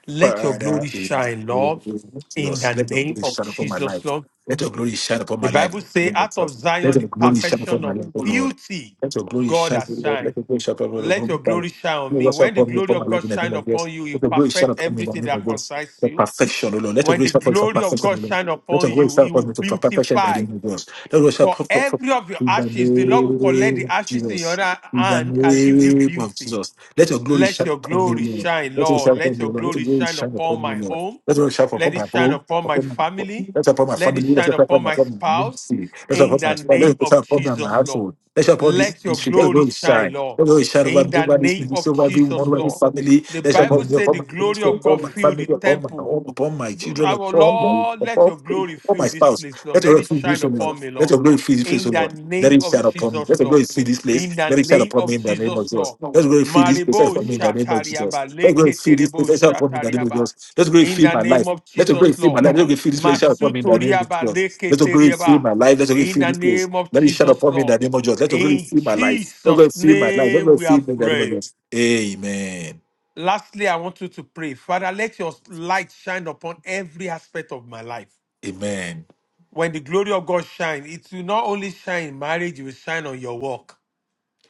S5: let your
S1: Father,
S5: glory
S1: in the
S5: shine,
S1: name
S5: Lord.
S1: of
S5: In
S1: Jesus,
S5: the
S1: let your
S5: name
S1: glory
S5: of
S1: shine upon my life.
S5: Jesus, Lord.
S1: Let your glory shine upon
S5: The
S1: my life.
S5: Bible
S1: in
S5: says,
S1: the name of
S5: out of
S1: Jesus. Let
S5: Zion, the
S1: your glory shine upon
S5: perfection
S1: my
S5: of
S1: life, O Lord.
S5: beauty,
S1: Let your glory
S5: God
S1: shine, O
S5: has
S1: Lord.
S5: shined.
S1: Let your glory shine upon my life.
S5: Let your
S1: Let
S5: glory shine on
S1: your
S5: me.
S1: glory shine
S5: When the
S1: upon me
S5: glory
S1: upon my
S5: of
S1: life
S5: God
S1: in the name
S5: shines
S1: of
S5: upon
S1: Jesus.
S5: you, you
S1: Let your glory shine
S5: perfect
S1: upon me in the
S5: everything
S1: name of
S5: that
S1: Jesus.
S5: concerns
S1: For
S5: you.
S1: perfection, O Lord. Let your
S5: When
S1: glory
S5: the
S1: shine upon me for
S5: glory of God
S1: perfection, O Lord.
S5: shine
S1: Let your
S5: upon
S1: glory
S5: you,
S1: shine
S5: it will
S1: upon me for perfection in the name
S5: beautify.
S1: of Jesus. Let your glory shine
S5: For
S1: upon for- for-
S5: every of your
S1: in the
S5: ashes, the Lord will collect
S1: name
S5: the
S1: of
S5: ashes in your
S1: Jesus.
S5: ha-
S1: In the
S5: hand and give you
S1: name of
S5: beauty.
S1: Jesus. Let your glory
S5: Let
S1: shine
S5: your
S1: upon me, O
S5: glory
S1: Lord.
S5: shine,
S1: Let him
S5: Lord.
S1: shout upon
S5: Let
S1: me,
S5: your
S1: Lord. Let
S5: glory
S1: him really
S5: shine
S1: shine
S5: upon my
S1: upon me, Lord.
S5: home.
S1: Let him shout upon
S5: Let it
S1: my
S5: shine
S1: home,
S5: upon my
S1: upon my
S5: family.
S1: let upon my
S5: Let it
S1: family, let
S5: shine
S1: upon
S5: upon
S1: my
S5: my
S1: family
S5: spouse.
S1: ministry, let upon
S5: In the
S1: my spouse, let
S5: name
S1: upon my
S5: of
S1: upon my
S5: Jesus, Lord.
S1: household, let upon this
S5: Let your
S1: ministry, let it
S5: glory
S1: really
S5: shine,
S1: shine.
S5: Lord.
S1: Let it really shine over
S5: In
S1: me,
S5: the
S1: over this
S5: name
S1: ministry,
S5: of
S1: over everyone,
S5: Jesus,
S1: over this
S5: Lord.
S1: family,
S5: The
S1: let shine
S5: Bible
S1: upon me,
S5: said
S1: upon
S5: the
S1: my
S5: glory
S1: ministry,
S5: of God
S1: upon my
S5: filled the
S1: family, upon my
S5: temple.
S1: home, upon my children,
S5: Our
S1: upon my
S5: Lord, let
S1: upon
S5: your glory
S1: upon my
S5: fill this
S1: spouse.
S5: place,
S1: Let
S5: Lord. Let
S1: your glory
S5: it
S1: fill this place,
S5: shine
S1: O Lord.
S5: upon me,
S1: Let
S5: Lord.
S1: your glory fill this place,
S5: In
S1: O
S5: the
S1: Lord. Let
S5: name
S1: it
S5: of
S1: shine upon me.
S5: Jesus,
S1: Let the glory
S5: Lord.
S1: fill this place.
S5: In the
S1: Let it shine
S5: name
S1: upon me
S5: of
S1: in the name of
S5: Jesus,
S1: Jesus.
S5: Lord.
S1: Let the glory fill this place
S5: Maribo
S1: upon me in the name of
S5: Shatariaba,
S1: Jesus. Let the glory fill this
S5: Leketerebo
S1: place shine upon me in the name of
S5: Shatariaba.
S1: Jesus. Let the glory
S5: In
S1: fill
S5: the
S1: my life.
S5: name of
S1: Let the glory
S5: Jesus,
S1: fill my
S5: Lord.
S1: life. Let the glory fill this place shine upon me in the name of
S5: Masutoriaba,
S1: Jesus. Let the glory fill
S5: Leketeriaba.
S1: my life. Let the glory
S5: In
S1: fill
S5: the
S1: this place.
S5: name of
S1: Let it shine
S5: Jesus,
S1: upon me in
S5: Lord.
S1: the name of Jesus. Let the glory
S5: In
S1: fill my life. Let the glory
S5: Jesus'
S1: fill my life. Let the
S5: name
S1: glory
S5: we
S1: fill
S5: are
S1: me in the name of
S5: praying.
S1: Jesus. Amen.
S5: Lastly, I want you to pray. Father, let your light shine upon every aspect of my life.
S1: Amen.
S5: When the glory of God shines, it will not only shine in marriage, it will shine on your work.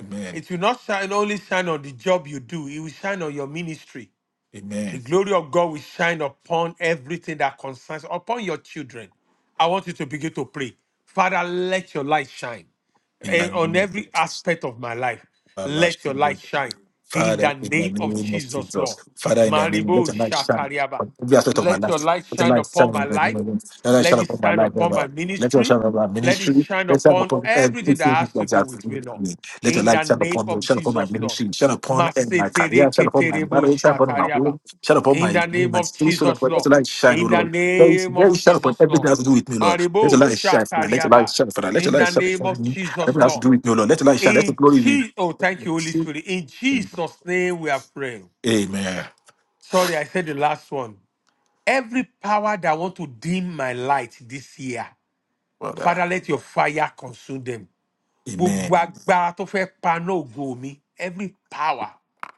S1: Amen.
S5: It will not shine only shine on the job you do, it will shine on your ministry. The
S1: Amen.
S5: glory of God will shine upon everything that concerns, upon your children. I want you to begin to pray. Father, let your light shine
S1: In the
S5: eh, on
S1: name of
S5: every
S1: Jesus.
S5: aspect of my life. Let your light shine in
S1: Father,
S5: the
S1: in the
S5: name of
S1: name of
S5: Jesus,
S1: Jesus.
S5: Lord.
S1: Father, in the name, let
S5: Maribo
S1: your light shine
S5: Shatariaba.
S1: on every aspect of my
S5: Let your
S1: life.
S5: light
S1: Let your
S5: shine
S1: light shine
S5: upon my
S1: in the name
S5: life.
S1: of Jesus. Let your light shine
S5: Let it
S1: upon my
S5: shine
S1: life, oh
S5: upon my
S1: Lord. Let your shine
S5: ministry.
S1: upon my
S5: Let it
S1: ministry.
S5: shine
S1: Let it shine
S5: upon
S1: upon
S5: everything that
S1: everything that
S5: has to
S1: you
S5: do
S1: have
S5: with
S1: given
S5: me, Lord.
S1: me. Let your
S5: In the
S1: light shine
S5: name
S1: upon me.
S5: of
S1: Shine upon my
S5: Jesus, Lord.
S1: ministry. Shine upon eh, my career. Shine upon my marriage. Shine upon my
S5: Masetereketereboshatariaba.
S1: home. Shine upon
S5: In
S1: my
S5: the name
S1: my
S5: of
S1: spiritual life.
S5: Jesus,
S1: Let
S5: Lord.
S1: your light shine, oh
S5: In the
S1: Lord. Let it
S5: name
S1: let
S5: of
S1: it shine upon
S5: Jesus,
S1: everything that
S5: Lord.
S1: has to do with me, Lord. Let
S5: Maribo
S1: your light shine, Father. Let your light
S5: Shatariaba.
S1: shine, Father. Let your
S5: In
S1: light
S5: the
S1: shine
S5: name of
S1: upon me. Everything
S5: Jesus,
S1: that has to
S5: Lord.
S1: do with me, oh Lord. Let your light shine. Let your
S5: In
S1: glory
S5: Jesus, oh, thank you, Holy Spirit. In
S1: be.
S5: Jesus' name we are praying.
S1: Amen.
S5: Sorry, I said the last one. Every power that want to dim my light this year,
S1: Father.
S5: Father, let your fire consume them. Gbogbo
S1: Amen.
S5: agbára tó fẹ́ paná ògo mi, every power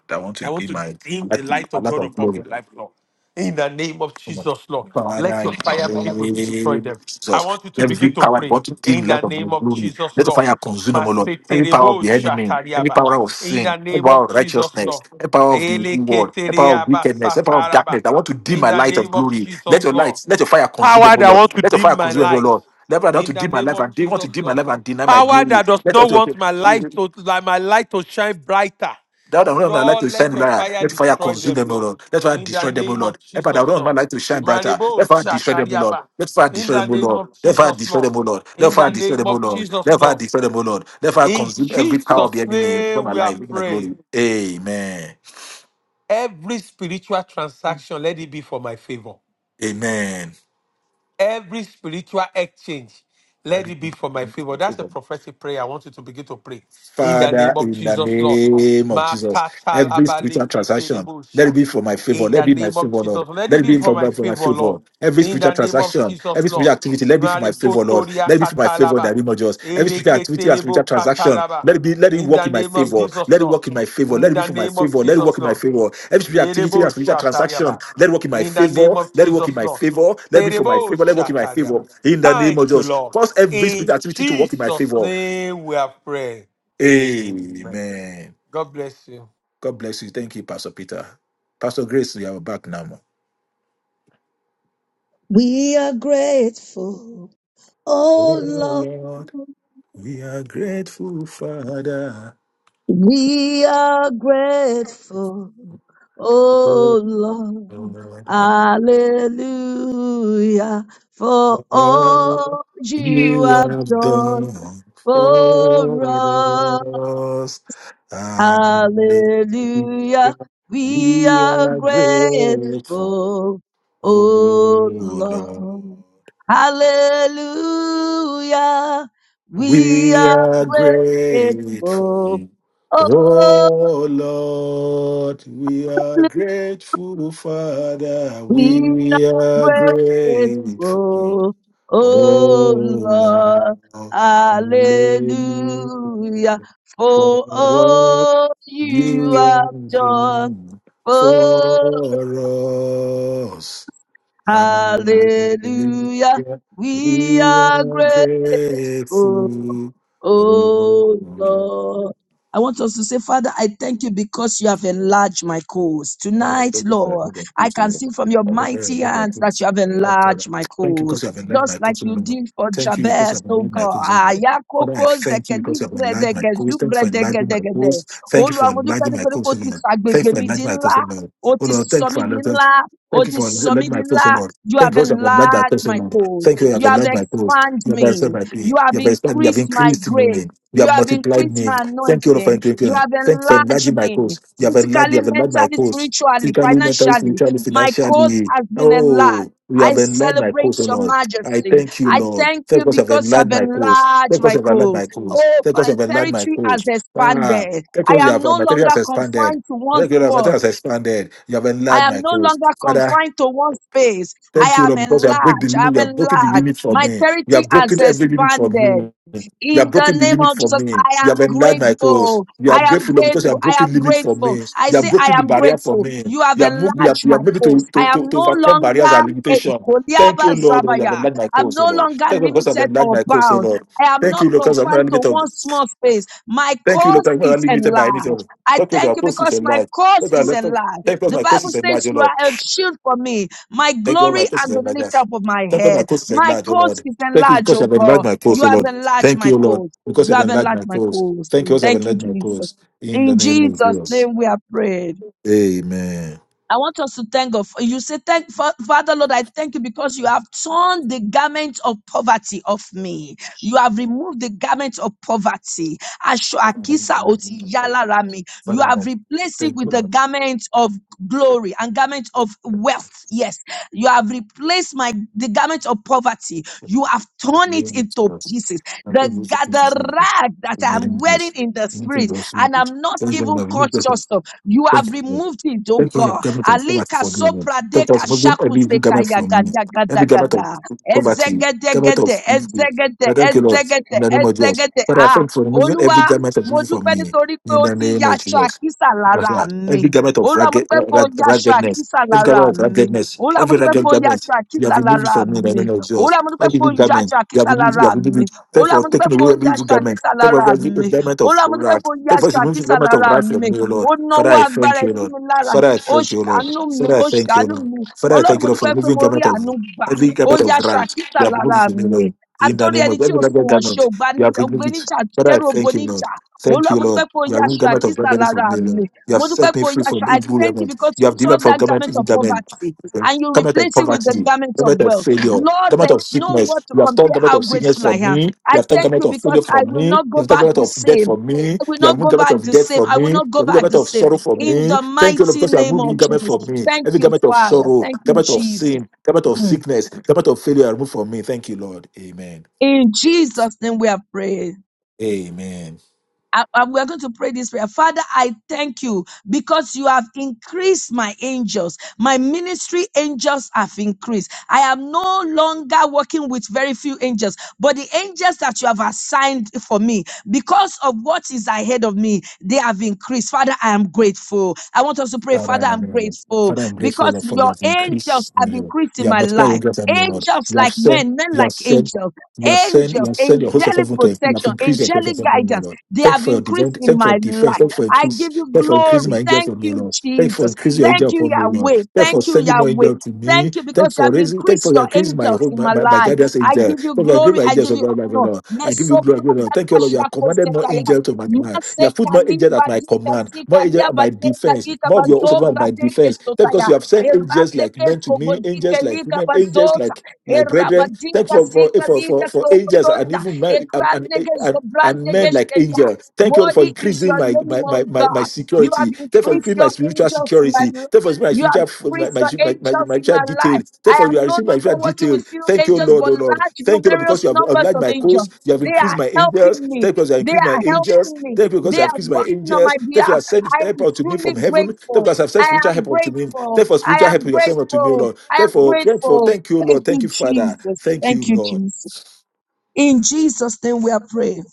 S1: I want to
S5: I want
S1: be
S5: to
S1: my
S5: dim the light
S1: a
S5: of
S1: lot
S5: God
S1: of
S5: upon my
S1: glory.
S5: life, Lord. In the name of
S1: Come on.
S5: Jesus, Lord,
S1: Father,
S5: let
S1: in
S5: your fire begin to
S1: the
S5: destroy
S1: name
S5: them.
S1: of
S5: I
S1: Jesus.
S5: want you to begin
S1: Every
S5: to
S1: power that
S5: pray
S1: want to steal
S5: in
S1: the
S5: the
S1: light of my
S5: name of
S1: glory.
S5: Jesus,
S1: Let the
S5: Lord.
S1: fire consume them, O Lord. Every power of
S5: Maseterebo
S1: the enemy, any
S5: shatariaba.
S1: power of
S5: In
S1: sin,
S5: the
S1: every
S5: name
S1: power
S5: of
S1: of
S5: Jesus,
S1: righteousness,
S5: Lord.
S1: every power of the world, every power of
S5: Eleketeriaba
S1: wickedness, every power of
S5: sataraba.
S1: darkness. I want to dim
S5: In
S1: my
S5: the
S1: light of
S5: name of
S1: glory.
S5: Jesus,
S1: Let your
S5: Lord.
S1: light, let your fire consume
S5: Power
S1: them, O
S5: that
S1: Lord.
S5: wants to
S1: Let your fire
S5: dim my
S1: consume them, O
S5: light
S1: Lord. Never want
S5: in
S1: to
S5: the
S1: dim my
S5: name
S1: life
S5: of
S1: and they want
S5: Jesus,
S1: to dim my
S5: Lord.
S1: life and deny my
S5: Power
S1: glory.
S5: that does
S1: Let
S5: not want my life
S1: us
S5: to like my light to shine brighter.
S1: Thou thou not like to
S5: Lord,
S1: shine
S5: let your
S1: brighter.
S5: fire
S1: Let fire
S5: destroy
S1: consume
S5: them,
S1: them, O
S5: Lord.
S1: Lord. Let fire
S5: In the
S1: destroy them, O
S5: name
S1: Lord.
S5: of
S1: Help thou
S5: Jesus,
S1: not
S5: Lord.
S1: like to shine brighter.
S5: Maribo
S1: Let fire destroy them, O Lord.
S5: Shatariaba.
S1: Let fire
S5: In
S1: destroy
S5: the
S1: them, O
S5: name
S1: Lord.
S5: of
S1: Let fire
S5: Jesus,
S1: destroy
S5: Lord.
S1: them, O Lord. Let
S5: In
S1: fire
S5: the
S1: destroy
S5: name
S1: them, O
S5: of
S1: Lord.
S5: Jesus,
S1: Let fire
S5: Lord.
S1: destroy them, O Lord. Let fire
S5: In
S1: consume every power of
S5: Jesus'
S1: the enemy over
S5: name
S1: my
S5: we are
S1: life, over my
S5: praying.
S1: glory. Amen.
S5: Every spiritual transaction, let it be for my favor.
S1: Amen.
S5: Every spiritual exchange, let it be for my favor. That's a prophetic prayer. I want you to begin to pray in the
S1: Father,
S5: name of
S1: in the
S5: Jesus, Lord.
S1: name of Jesus, every spiritual transaction, let it
S5: Makatalabaleketerebosha.
S1: be for my favor.
S5: In
S1: Let it
S5: the
S1: be my
S5: name of
S1: favor, Lord.
S5: Jesus, let
S1: Let
S5: it
S1: it
S5: be
S1: be
S5: for
S1: for,
S5: my
S1: my, for my
S5: favor,
S1: favor.
S5: Lord.
S1: Every
S5: In
S1: spiritual
S5: the name of
S1: transaction,
S5: Jesus,
S1: every
S5: Lord.
S1: spiritual activity, let it be for my favor, Lord.
S5: Marikotoria
S1: Let it be for my favor in the
S5: katalaba.
S1: name of Jesus. Every spiritual activity and spiritual
S5: Eleketerebo
S1: transaction,
S5: katalaba.
S1: let it be, let it
S5: In the
S1: work in my
S5: name of
S1: favor.
S5: Jesus,
S1: Let it
S5: Lord.
S1: work in my favor.
S5: In
S1: Let it be
S5: the
S1: for my
S5: name of
S1: favor. Let it
S5: Jesus,
S1: work in my
S5: Lord.
S1: favor. Every spiritual activity and
S5: Erebo
S1: spiritual transaction,
S5: Shatariaba.
S1: let it work in my
S5: In the name
S1: favor.
S5: of
S1: Let it work in
S5: Jesus,
S1: my
S5: Lord.
S1: favor. Let it be for my
S5: Erebo
S1: favor. Let it work in my favor.
S5: Shatariaba.
S1: In the name of
S5: Thank you,
S1: Jesus,
S5: Lord.
S1: cause every
S5: In
S1: spiritual activity to work in my
S5: Jesus'
S1: favor.
S5: name we have prayed. Amen.
S1: Amen.
S5: God bless you.
S1: God bless you. Thank you, Pastor Peter. Pastor Grace, you are back now. ma.
S4: We are grateful,
S1: Oh
S4: oh
S1: Lord,
S4: Lord.
S1: we are grateful, Father.
S4: We are grateful,
S1: Oh
S4: oh Lord,
S1: Lord,
S4: hallelujah, for
S1: for all
S4: all you
S1: you
S4: have
S1: have
S4: done
S1: done
S4: for
S1: for
S4: us.
S1: us. Hallelujah.
S4: Hallelujah, we
S1: We
S4: are
S1: are grateful,
S4: grateful,
S1: oh
S4: oh
S1: Lord.
S4: Lord, hallelujah, we
S1: We
S4: are
S1: are
S4: grateful,
S1: grateful.
S4: oh
S1: Oh Lord, we are grateful, Father.
S4: We are
S1: We are grateful.
S4: grateful, oh
S1: Oh Lord,
S4: Lord,
S1: hallelujah.
S4: hallelujah,
S1: For
S4: for
S1: all
S4: all
S1: you
S4: you have
S1: have
S4: done.
S1: done
S4: Oh,
S1: for us.
S4: hallelujah,
S1: Hallelujah.
S4: we
S1: We
S4: are
S1: are
S4: grateful,
S1: grateful. Oh,
S4: Oh
S1: Lord.
S4: Lord. I want us to say, Father, I thank you because you have enlarged my cause.
S1: What I
S4: Tonight,
S1: pray this that
S4: Lord,
S1: I can
S4: I
S1: praise the
S4: can
S1: Lord.
S4: see from your
S1: I pray
S4: mighty
S1: I can
S4: hands that
S1: praise.
S4: you have
S1: Oh,
S4: enlarged my
S1: Thank you
S4: cause.
S1: because you have enlightened my
S4: Just like
S1: cause, O
S4: you
S1: Lord.
S4: did for
S1: Thank you because you
S4: Jabez,
S1: have
S4: oh
S1: enlightened my
S4: God.
S1: cause, O Lord. Father, I
S4: Ayakoko
S1: thank you because you have enlightened my
S4: zekelibredege
S1: cause. Thank you for enlightening my
S4: zubredegedegede.
S1: cause. Thank you for
S4: Olúwa, mo dúpẹ́
S1: enlightening my
S4: nítorí pé
S1: cause,
S4: o
S1: O
S4: ti
S1: Lord. Thank
S4: sàgbègbè
S1: you for
S4: mi
S1: enlightening
S4: di
S1: my cause, O
S4: ńlá.
S1: Lord.
S4: O
S1: Oh
S4: ti
S1: Lord, thank
S4: sọ
S1: you
S4: mí
S1: for
S4: di
S1: enlightening.
S4: ńlá. O
S1: Thank you
S4: ti
S1: for
S4: sọ
S1: enlightening
S4: mí di
S1: my cause, O
S4: ńlá.
S1: Lord.
S4: You
S1: Thank
S4: have
S1: you for you have enlightened my
S4: enlarged
S1: cause, O
S4: my
S1: Lord.
S4: cause.
S1: Thank you, you have
S4: You have
S1: enlightened my cause.
S4: expanded
S1: You have answered
S4: me.
S1: my prayer.
S4: You
S1: You
S4: have
S1: have inspired me. You have
S4: increased my
S1: increased
S4: grace.
S1: me. You
S4: You
S1: have
S4: have
S1: multiplied
S4: increased
S1: me.
S4: my
S1: Thank you, O Lord, for
S4: anointing. You
S1: enlightening.
S4: have
S1: Thank you for
S4: enlarged
S1: enlarging my
S4: me
S1: cause. You have enlarged. You
S4: physically,
S1: have enlarged my
S4: mentally,
S1: cause
S4: spiritually,
S1: physically, mentally,
S4: financially.
S1: spiritually,
S4: My cause
S1: financially.
S4: has been
S1: Oh,
S4: enlarged.
S1: you
S4: I
S1: have enlarged my
S4: celebrate
S1: course, oh
S4: your
S1: Lord. I
S4: majesty.
S1: thank you,
S4: I
S1: Lord.
S4: thank
S1: Thank
S4: you
S1: God you have
S4: because you
S1: enlarged
S4: have
S1: my course.
S4: enlarged
S1: Thank God
S4: my
S1: you have enlarged my
S4: cause.
S1: course.
S4: Oh,
S1: Thank God you
S4: my
S1: have enlarged my
S4: territory has
S1: course. Ah,
S4: expanded.
S1: thank
S4: I
S1: God you
S4: am
S1: have
S4: no
S1: my territory
S4: longer
S1: has expanded.
S4: confined to one
S1: Thank God my territory
S4: spot.
S1: has expanded. You have
S4: I
S1: enlarged
S4: am
S1: my
S4: no
S1: course.
S4: longer
S1: Father,
S4: confined to one space. I
S1: Thank you,
S4: am
S1: Lord, because you have break the
S4: enlarged.
S1: limit.
S4: I'm
S1: You have broken the
S4: enlarged.
S1: limit for
S4: My
S1: me. You
S4: territory
S1: have
S4: has
S1: broken every limit for
S4: expanded.
S1: me. You have
S4: In the
S1: broken the
S4: name
S1: limit
S4: of
S1: for
S4: Jesus,
S1: me.
S4: I
S1: You have
S4: am
S1: enlarged my cause.
S4: grateful.
S1: You are
S4: I am
S1: grateful, Lord, because you
S4: grateful.
S1: have
S4: I
S1: broken
S4: am
S1: limit for
S4: grateful.
S1: me.
S4: I
S1: You have
S4: say, I
S1: broken the
S4: am
S1: barrier for
S4: grateful.
S1: me.
S4: You have
S1: You have moved me. You have,
S4: enlarged
S1: you have
S4: my
S1: made me to,
S4: coast. I
S1: to,
S4: am
S1: to, to
S4: no
S1: overcome barriers
S4: longer
S1: and
S4: a
S1: limitation. Thank
S4: Goliaba
S1: you, Lord. You have
S4: Zabaya.
S1: enlarged my
S4: I'm
S1: cause, O
S4: no
S1: Lord.
S4: longer
S1: Thank you because you have
S4: limited
S1: enlarged
S4: or
S1: my cause, O
S4: bound.
S1: Lord.
S4: I am
S1: Thank
S4: not
S1: you, Lord, because I'm not
S4: confined to
S1: limited.
S4: one small space. My
S1: Thank you, Lord,
S4: course
S1: because I'm not
S4: is
S1: limited by anything.
S4: enlarged.
S1: Thank
S4: I
S1: you, because
S4: thank
S1: your
S4: you
S1: cause is
S4: because my
S1: enlarged.
S4: course
S1: Thank
S4: is
S1: you, Lord,
S4: enlarged.
S1: because
S4: The
S1: my cause
S4: Bible
S1: is enlarged,
S4: says,
S1: O
S4: You
S1: Lord.
S4: are a shield for me, my
S1: Thank you, Lord, my
S4: glory
S1: course is
S4: and the lift
S1: enlarged.
S4: up of my
S1: Thank God my
S4: head.
S1: course is
S4: My
S1: enlarged, O
S4: coast
S1: Lord.
S4: is
S1: Thank you
S4: enlarged,
S1: because you
S4: oh
S1: have enlarged
S4: God.
S1: my course,
S4: You
S1: O
S4: have
S1: Lord.
S4: enlarged
S1: Thank
S4: my
S1: you, O Lord,
S4: coast.
S1: because you
S4: You
S1: have
S4: have
S1: enlarged
S4: enlarged
S1: my
S4: my
S1: course.
S4: coast.
S1: Thank you, because you have
S4: Thank you,
S1: enlarged my
S4: Jesus.
S1: course. In the
S4: In
S1: name of
S4: Jesus'
S1: Jesus.
S4: name we are prayed.
S1: Amen.
S4: I want us to thank God. You say, Thank Fa- Father Lord, I thank you because you have torn the garment of poverty off me. You have removed the garment of poverty. Aṣọ àkísà ò ti yá lára mi. You
S1: Father,
S4: have
S1: God,
S4: replaced it
S1: thank you,
S4: with the
S1: Lord.
S4: garment of glory and garment of wealth. Yes. You have replaced my the garment of poverty. You have
S1: In
S4: torn
S1: the name
S4: it
S1: of
S4: into
S1: Jesus.
S4: pieces.
S1: I
S4: The,
S1: thank you,
S4: ga-
S1: Jesus,
S4: the
S1: in
S4: rag that I
S1: the name
S4: am
S1: of
S4: wearing
S1: Jesus.
S4: in the
S1: In the name
S4: spirit,
S1: of
S4: and
S1: Jesus.
S4: I'm not
S1: In the name
S4: even conscious of. You
S1: Thank
S4: have
S1: you.
S4: removed it, oh
S1: Thank you for
S4: God.
S1: your garment of poverty
S4: Alika
S1: for me, O Lord.
S4: sopra
S1: Thank you
S4: deka
S1: for removing
S4: shaku
S1: every evil
S4: seka
S1: garment from
S4: yaka
S1: me.
S4: gada
S1: Every
S4: gada
S1: garment of
S4: da.
S1: poverty, garment of
S4: Ezegedegede,
S1: evil.
S4: ezegede,
S1: Father, thank you, Lord,
S4: ezegede,
S1: in the name of Jesus.
S4: ezegede.
S1: Father, I
S4: Ah,
S1: thank you for removing every
S4: Olúwa,
S1: garment of
S4: mo
S1: evil from
S4: dúpẹ́
S1: me,
S4: nítorí pé
S1: in
S4: o
S1: the
S4: ti
S1: name of
S4: yaṣọ
S1: Jesus.
S4: àkísà lára
S1: Father,
S4: mi.
S1: Every garment of
S4: Olúwa, mo
S1: ragged,
S4: dúpẹ́ pé o
S1: rag,
S4: yaṣọ
S1: raggedness,
S4: àkísà
S1: every
S4: lára
S1: garment of
S4: mi.
S1: raggedness,
S4: Olúwa, mo
S1: every
S4: dúpẹ́ pé
S1: ragged
S4: o
S1: garment,
S4: yaṣọ
S1: you
S4: àkísà
S1: have removed it
S4: lára
S1: from me in the
S4: mi.
S1: name of Jesus.
S4: Olúwa, mo dúpẹ́
S1: Every
S4: pé
S1: evil
S4: o
S1: garment,
S4: yaṣọ
S1: you have
S4: àkísà
S1: removed it, you have
S4: lára
S1: removed
S4: mi.
S1: it. Thank you
S4: Olúwa,
S1: for
S4: mo dúpẹ́
S1: taking
S4: pé
S1: away
S4: o
S1: every evil
S4: yaṣọ
S1: garment.
S4: àkísà
S1: Thank you for
S4: lára
S1: every,
S4: mi.
S1: every garment of
S4: Olúwa, mo dúpẹ́
S1: wrath.
S4: pé o
S1: Thank you
S4: yaṣọ
S1: for removing the
S4: àkísà
S1: garment of
S4: lára
S1: wrath from
S4: mi.
S1: me, O Lord.
S4: Ó
S1: Father,
S4: náwó
S1: I
S4: agbára
S1: thank
S4: ẹ̀
S1: you,
S4: sí
S1: Lord.
S4: mi lára
S1: Father, I
S4: ó
S1: thank you, Lord.
S4: ṣàánú mi
S1: Father, I
S4: ó
S1: thank you,
S4: ṣàánú
S1: Lord.
S4: mi
S1: Father, I
S4: ọlọ́run
S1: thank you,
S4: mo
S1: Lord, for
S4: dúpẹ́ pé
S1: removing
S4: mo rí
S1: garment of
S4: àánú gbà
S1: every
S4: ó
S1: garment
S4: yá
S1: of right.
S4: ṣàkísà
S1: You have removed
S4: lára
S1: it from me,
S4: mi
S1: Lord. In the
S4: àtórí
S1: name
S4: ẹni
S1: of
S4: tí
S1: every ragged
S4: òṣùwọ̀n ṣe
S1: garment,
S4: ò gbá
S1: you
S4: ní-
S1: have
S4: ò gbé
S1: removed it.
S4: níjà
S1: Father, I
S4: kẹ́rù obo
S1: thank you, Lord.
S4: níjà
S1: Thank
S4: olúwa
S1: you,
S4: mo
S1: Lord.
S4: dúpẹ́ pé ó
S1: You have
S4: yá
S1: removed garment of
S4: ṣàkísà
S1: raggedness
S4: lára
S1: from me,
S4: mi
S1: Lord. You have
S4: mo
S1: set
S4: dúpẹ́
S1: me
S4: pé ó
S1: free
S4: yá ṣà
S1: from
S4: i
S1: evil
S4: thank you
S1: garment.
S4: because
S1: You
S4: you
S1: have
S4: tore
S1: delivered from
S4: that
S1: garment,
S4: garment
S1: evil
S4: of
S1: garment,
S4: poverty and you
S1: garment of
S4: replace it with the
S1: poverty,
S4: garment of
S1: garment of
S4: wealth
S1: failure,
S4: lord
S1: Garment
S4: there
S1: of
S4: is no word
S1: sickness.
S4: to
S1: You have torn
S4: compare
S1: garment
S4: how
S1: of sickness
S4: grateful i
S1: from
S4: am
S1: me.
S4: i
S1: You have torn
S4: thank
S1: garment
S4: you
S1: of failure
S4: because i
S1: from
S4: will
S1: me.
S4: not
S1: You
S4: go
S1: have torn
S4: back
S1: garment
S4: the
S1: of death
S4: same
S1: from me.
S4: I will
S1: You have
S4: not
S1: removed
S4: go
S1: garment
S4: back
S1: of
S4: the
S1: death
S4: same.
S1: from
S4: I will
S1: me. You have
S4: not go
S1: removed
S4: back
S1: garment
S4: the
S1: of
S4: same
S1: sorrow from
S4: in
S1: me.
S4: the
S1: Thank you, Lord,
S4: mighty
S1: because you have
S4: name
S1: removed new
S4: of
S1: garment
S4: Jesus.
S1: from me.
S4: Thank
S1: Every
S4: you,
S1: garment of
S4: Father.
S1: sorrow,
S4: Thank you,
S1: garment of
S4: Jesus.
S1: sin, garment of
S4: Mm.
S1: sickness, garment of failure, you have removed from me. Thank you, Lord. Amen.
S4: In Jesus' name we are praying.
S1: Amen.
S4: I- I- we're going to pray this prayer. Father, I thank you because you have increased my angels. My ministry angels have increased. I am no longer working with very few angels, but the angels that you have assigned for me because of what is ahead of me, they have increased. Father, I am grateful. I want us to pray,
S1: Father,
S4: Father,
S1: in the
S4: I'm
S1: name of God.
S4: grateful
S1: Father, I'm grateful,
S4: because
S1: Lord, for you
S4: your
S1: have
S4: angels
S1: increased
S4: have
S1: me, Lord.
S4: increased in
S1: You have
S4: my
S1: multiplied your
S4: life.
S1: grace and me, Lord.
S4: Angels
S1: You have
S4: like
S1: sent,
S4: men, men
S1: you have
S4: like
S1: sent,
S4: angels
S1: you have sent, you
S4: angels,
S1: have sent your host of
S4: angelic
S1: heaven to you have
S4: protection,
S1: increased your grace
S4: angelic
S1: of me,
S4: guidance.
S1: Lord.
S4: They
S1: Thank you
S4: have
S1: for your divine,
S4: increased
S1: thank
S4: in
S1: you for your
S4: my
S1: defense,
S4: life.
S1: thank you for
S4: I
S1: increase,
S4: give you
S1: thank you for increasing my
S4: glory.
S1: angel for
S4: Thank
S1: me,
S4: you,
S1: Lord. Thank you for
S4: Jesus.
S1: increasing your angel
S4: Thank you,
S1: upon me, Lord.
S4: Yahweh.
S1: Thank you for
S4: Thank you,
S1: sending more
S4: Yahweh.
S1: angel to me.
S4: Thank you
S1: Thank
S4: because
S1: you
S4: you
S1: for
S4: have
S1: raising, thank you
S4: increased
S1: for
S4: your
S1: increasing my
S4: angels
S1: hope,
S4: in
S1: my,
S4: my
S1: my, my
S4: life.
S1: guidance
S4: I
S1: angel. Thank
S4: give you
S1: you for increasing
S4: glory.
S1: my
S4: I
S1: angels
S4: give
S1: of
S4: you
S1: my life,
S4: honor.
S1: Lord. I give you glory,
S4: Mesopra
S1: glory. Lord. Thank you,
S4: daka
S1: Lord. You have
S4: shako
S1: commanded more angel to my command. You have put more angel at my command, more angel at my defense, more of your also at my defense. Thank you because you have sent angels like men to me, angels like women, angels like my brethren. Thank
S4: Erabadinka
S1: you for for
S4: sika
S1: for
S4: lika
S1: for, for angels and
S4: sokotonda.
S1: even men,
S4: Ekrande gesto
S1: and
S4: brande
S1: men like
S4: gesteria.
S1: angels. Thank you Lord, for
S4: Worthy is
S1: increasing
S4: your
S1: my
S4: name,
S1: my,
S4: O
S1: my, my my
S4: God. You
S1: security.
S4: have
S1: Thank you for
S4: increased
S1: increasing my
S4: your
S1: spiritual
S4: angels in my
S1: security.
S4: life.
S1: Thank you for my
S4: You have
S1: spiritual my
S4: increased
S1: my
S4: your
S1: my, my,
S4: angels
S1: my
S4: in
S1: spiritual
S4: my
S1: details.
S4: life.
S1: Thank
S4: I
S1: you for you are
S4: am no
S1: receiving my
S4: longer
S1: spiritual
S4: working
S1: details.
S4: with few
S1: Thank you,
S4: angels,
S1: Lord, oh
S4: but
S1: Lord.
S4: large
S1: Thank you, Lord,
S4: numerous
S1: because you have
S4: numbers
S1: obliged
S4: of
S1: my cause.
S4: angels.
S1: You have
S4: They
S1: increased
S4: are
S1: my angels.
S4: helping
S1: Thank
S4: me.
S1: you because you have
S4: They
S1: increased my
S4: are
S1: angels.
S4: helping me.
S1: Thank you because you
S4: They
S1: have
S4: are
S1: increased my
S4: working on
S1: angels.
S4: my
S1: Thank you, you
S4: behalf.
S1: have sent
S4: I
S1: help
S4: am
S1: unto me from
S4: truly
S1: heaven. Thank you
S4: grateful.
S1: because you have sent
S4: I
S1: spiritual
S4: am
S1: help unto me. Thank you
S4: grateful.
S1: for
S4: I
S1: spiritual help
S4: am
S1: you have sent unto me, O
S4: grateful.
S1: Lord.
S4: I am
S1: Thank you for, thank you for
S4: grateful.
S1: thank you,
S4: Thank
S1: Lord. Thank
S4: you,
S1: you, Father.
S4: Jesus.
S1: Thank you,
S4: Thank you,
S1: Lord.
S4: Jesus. In Jesus' name we are praying.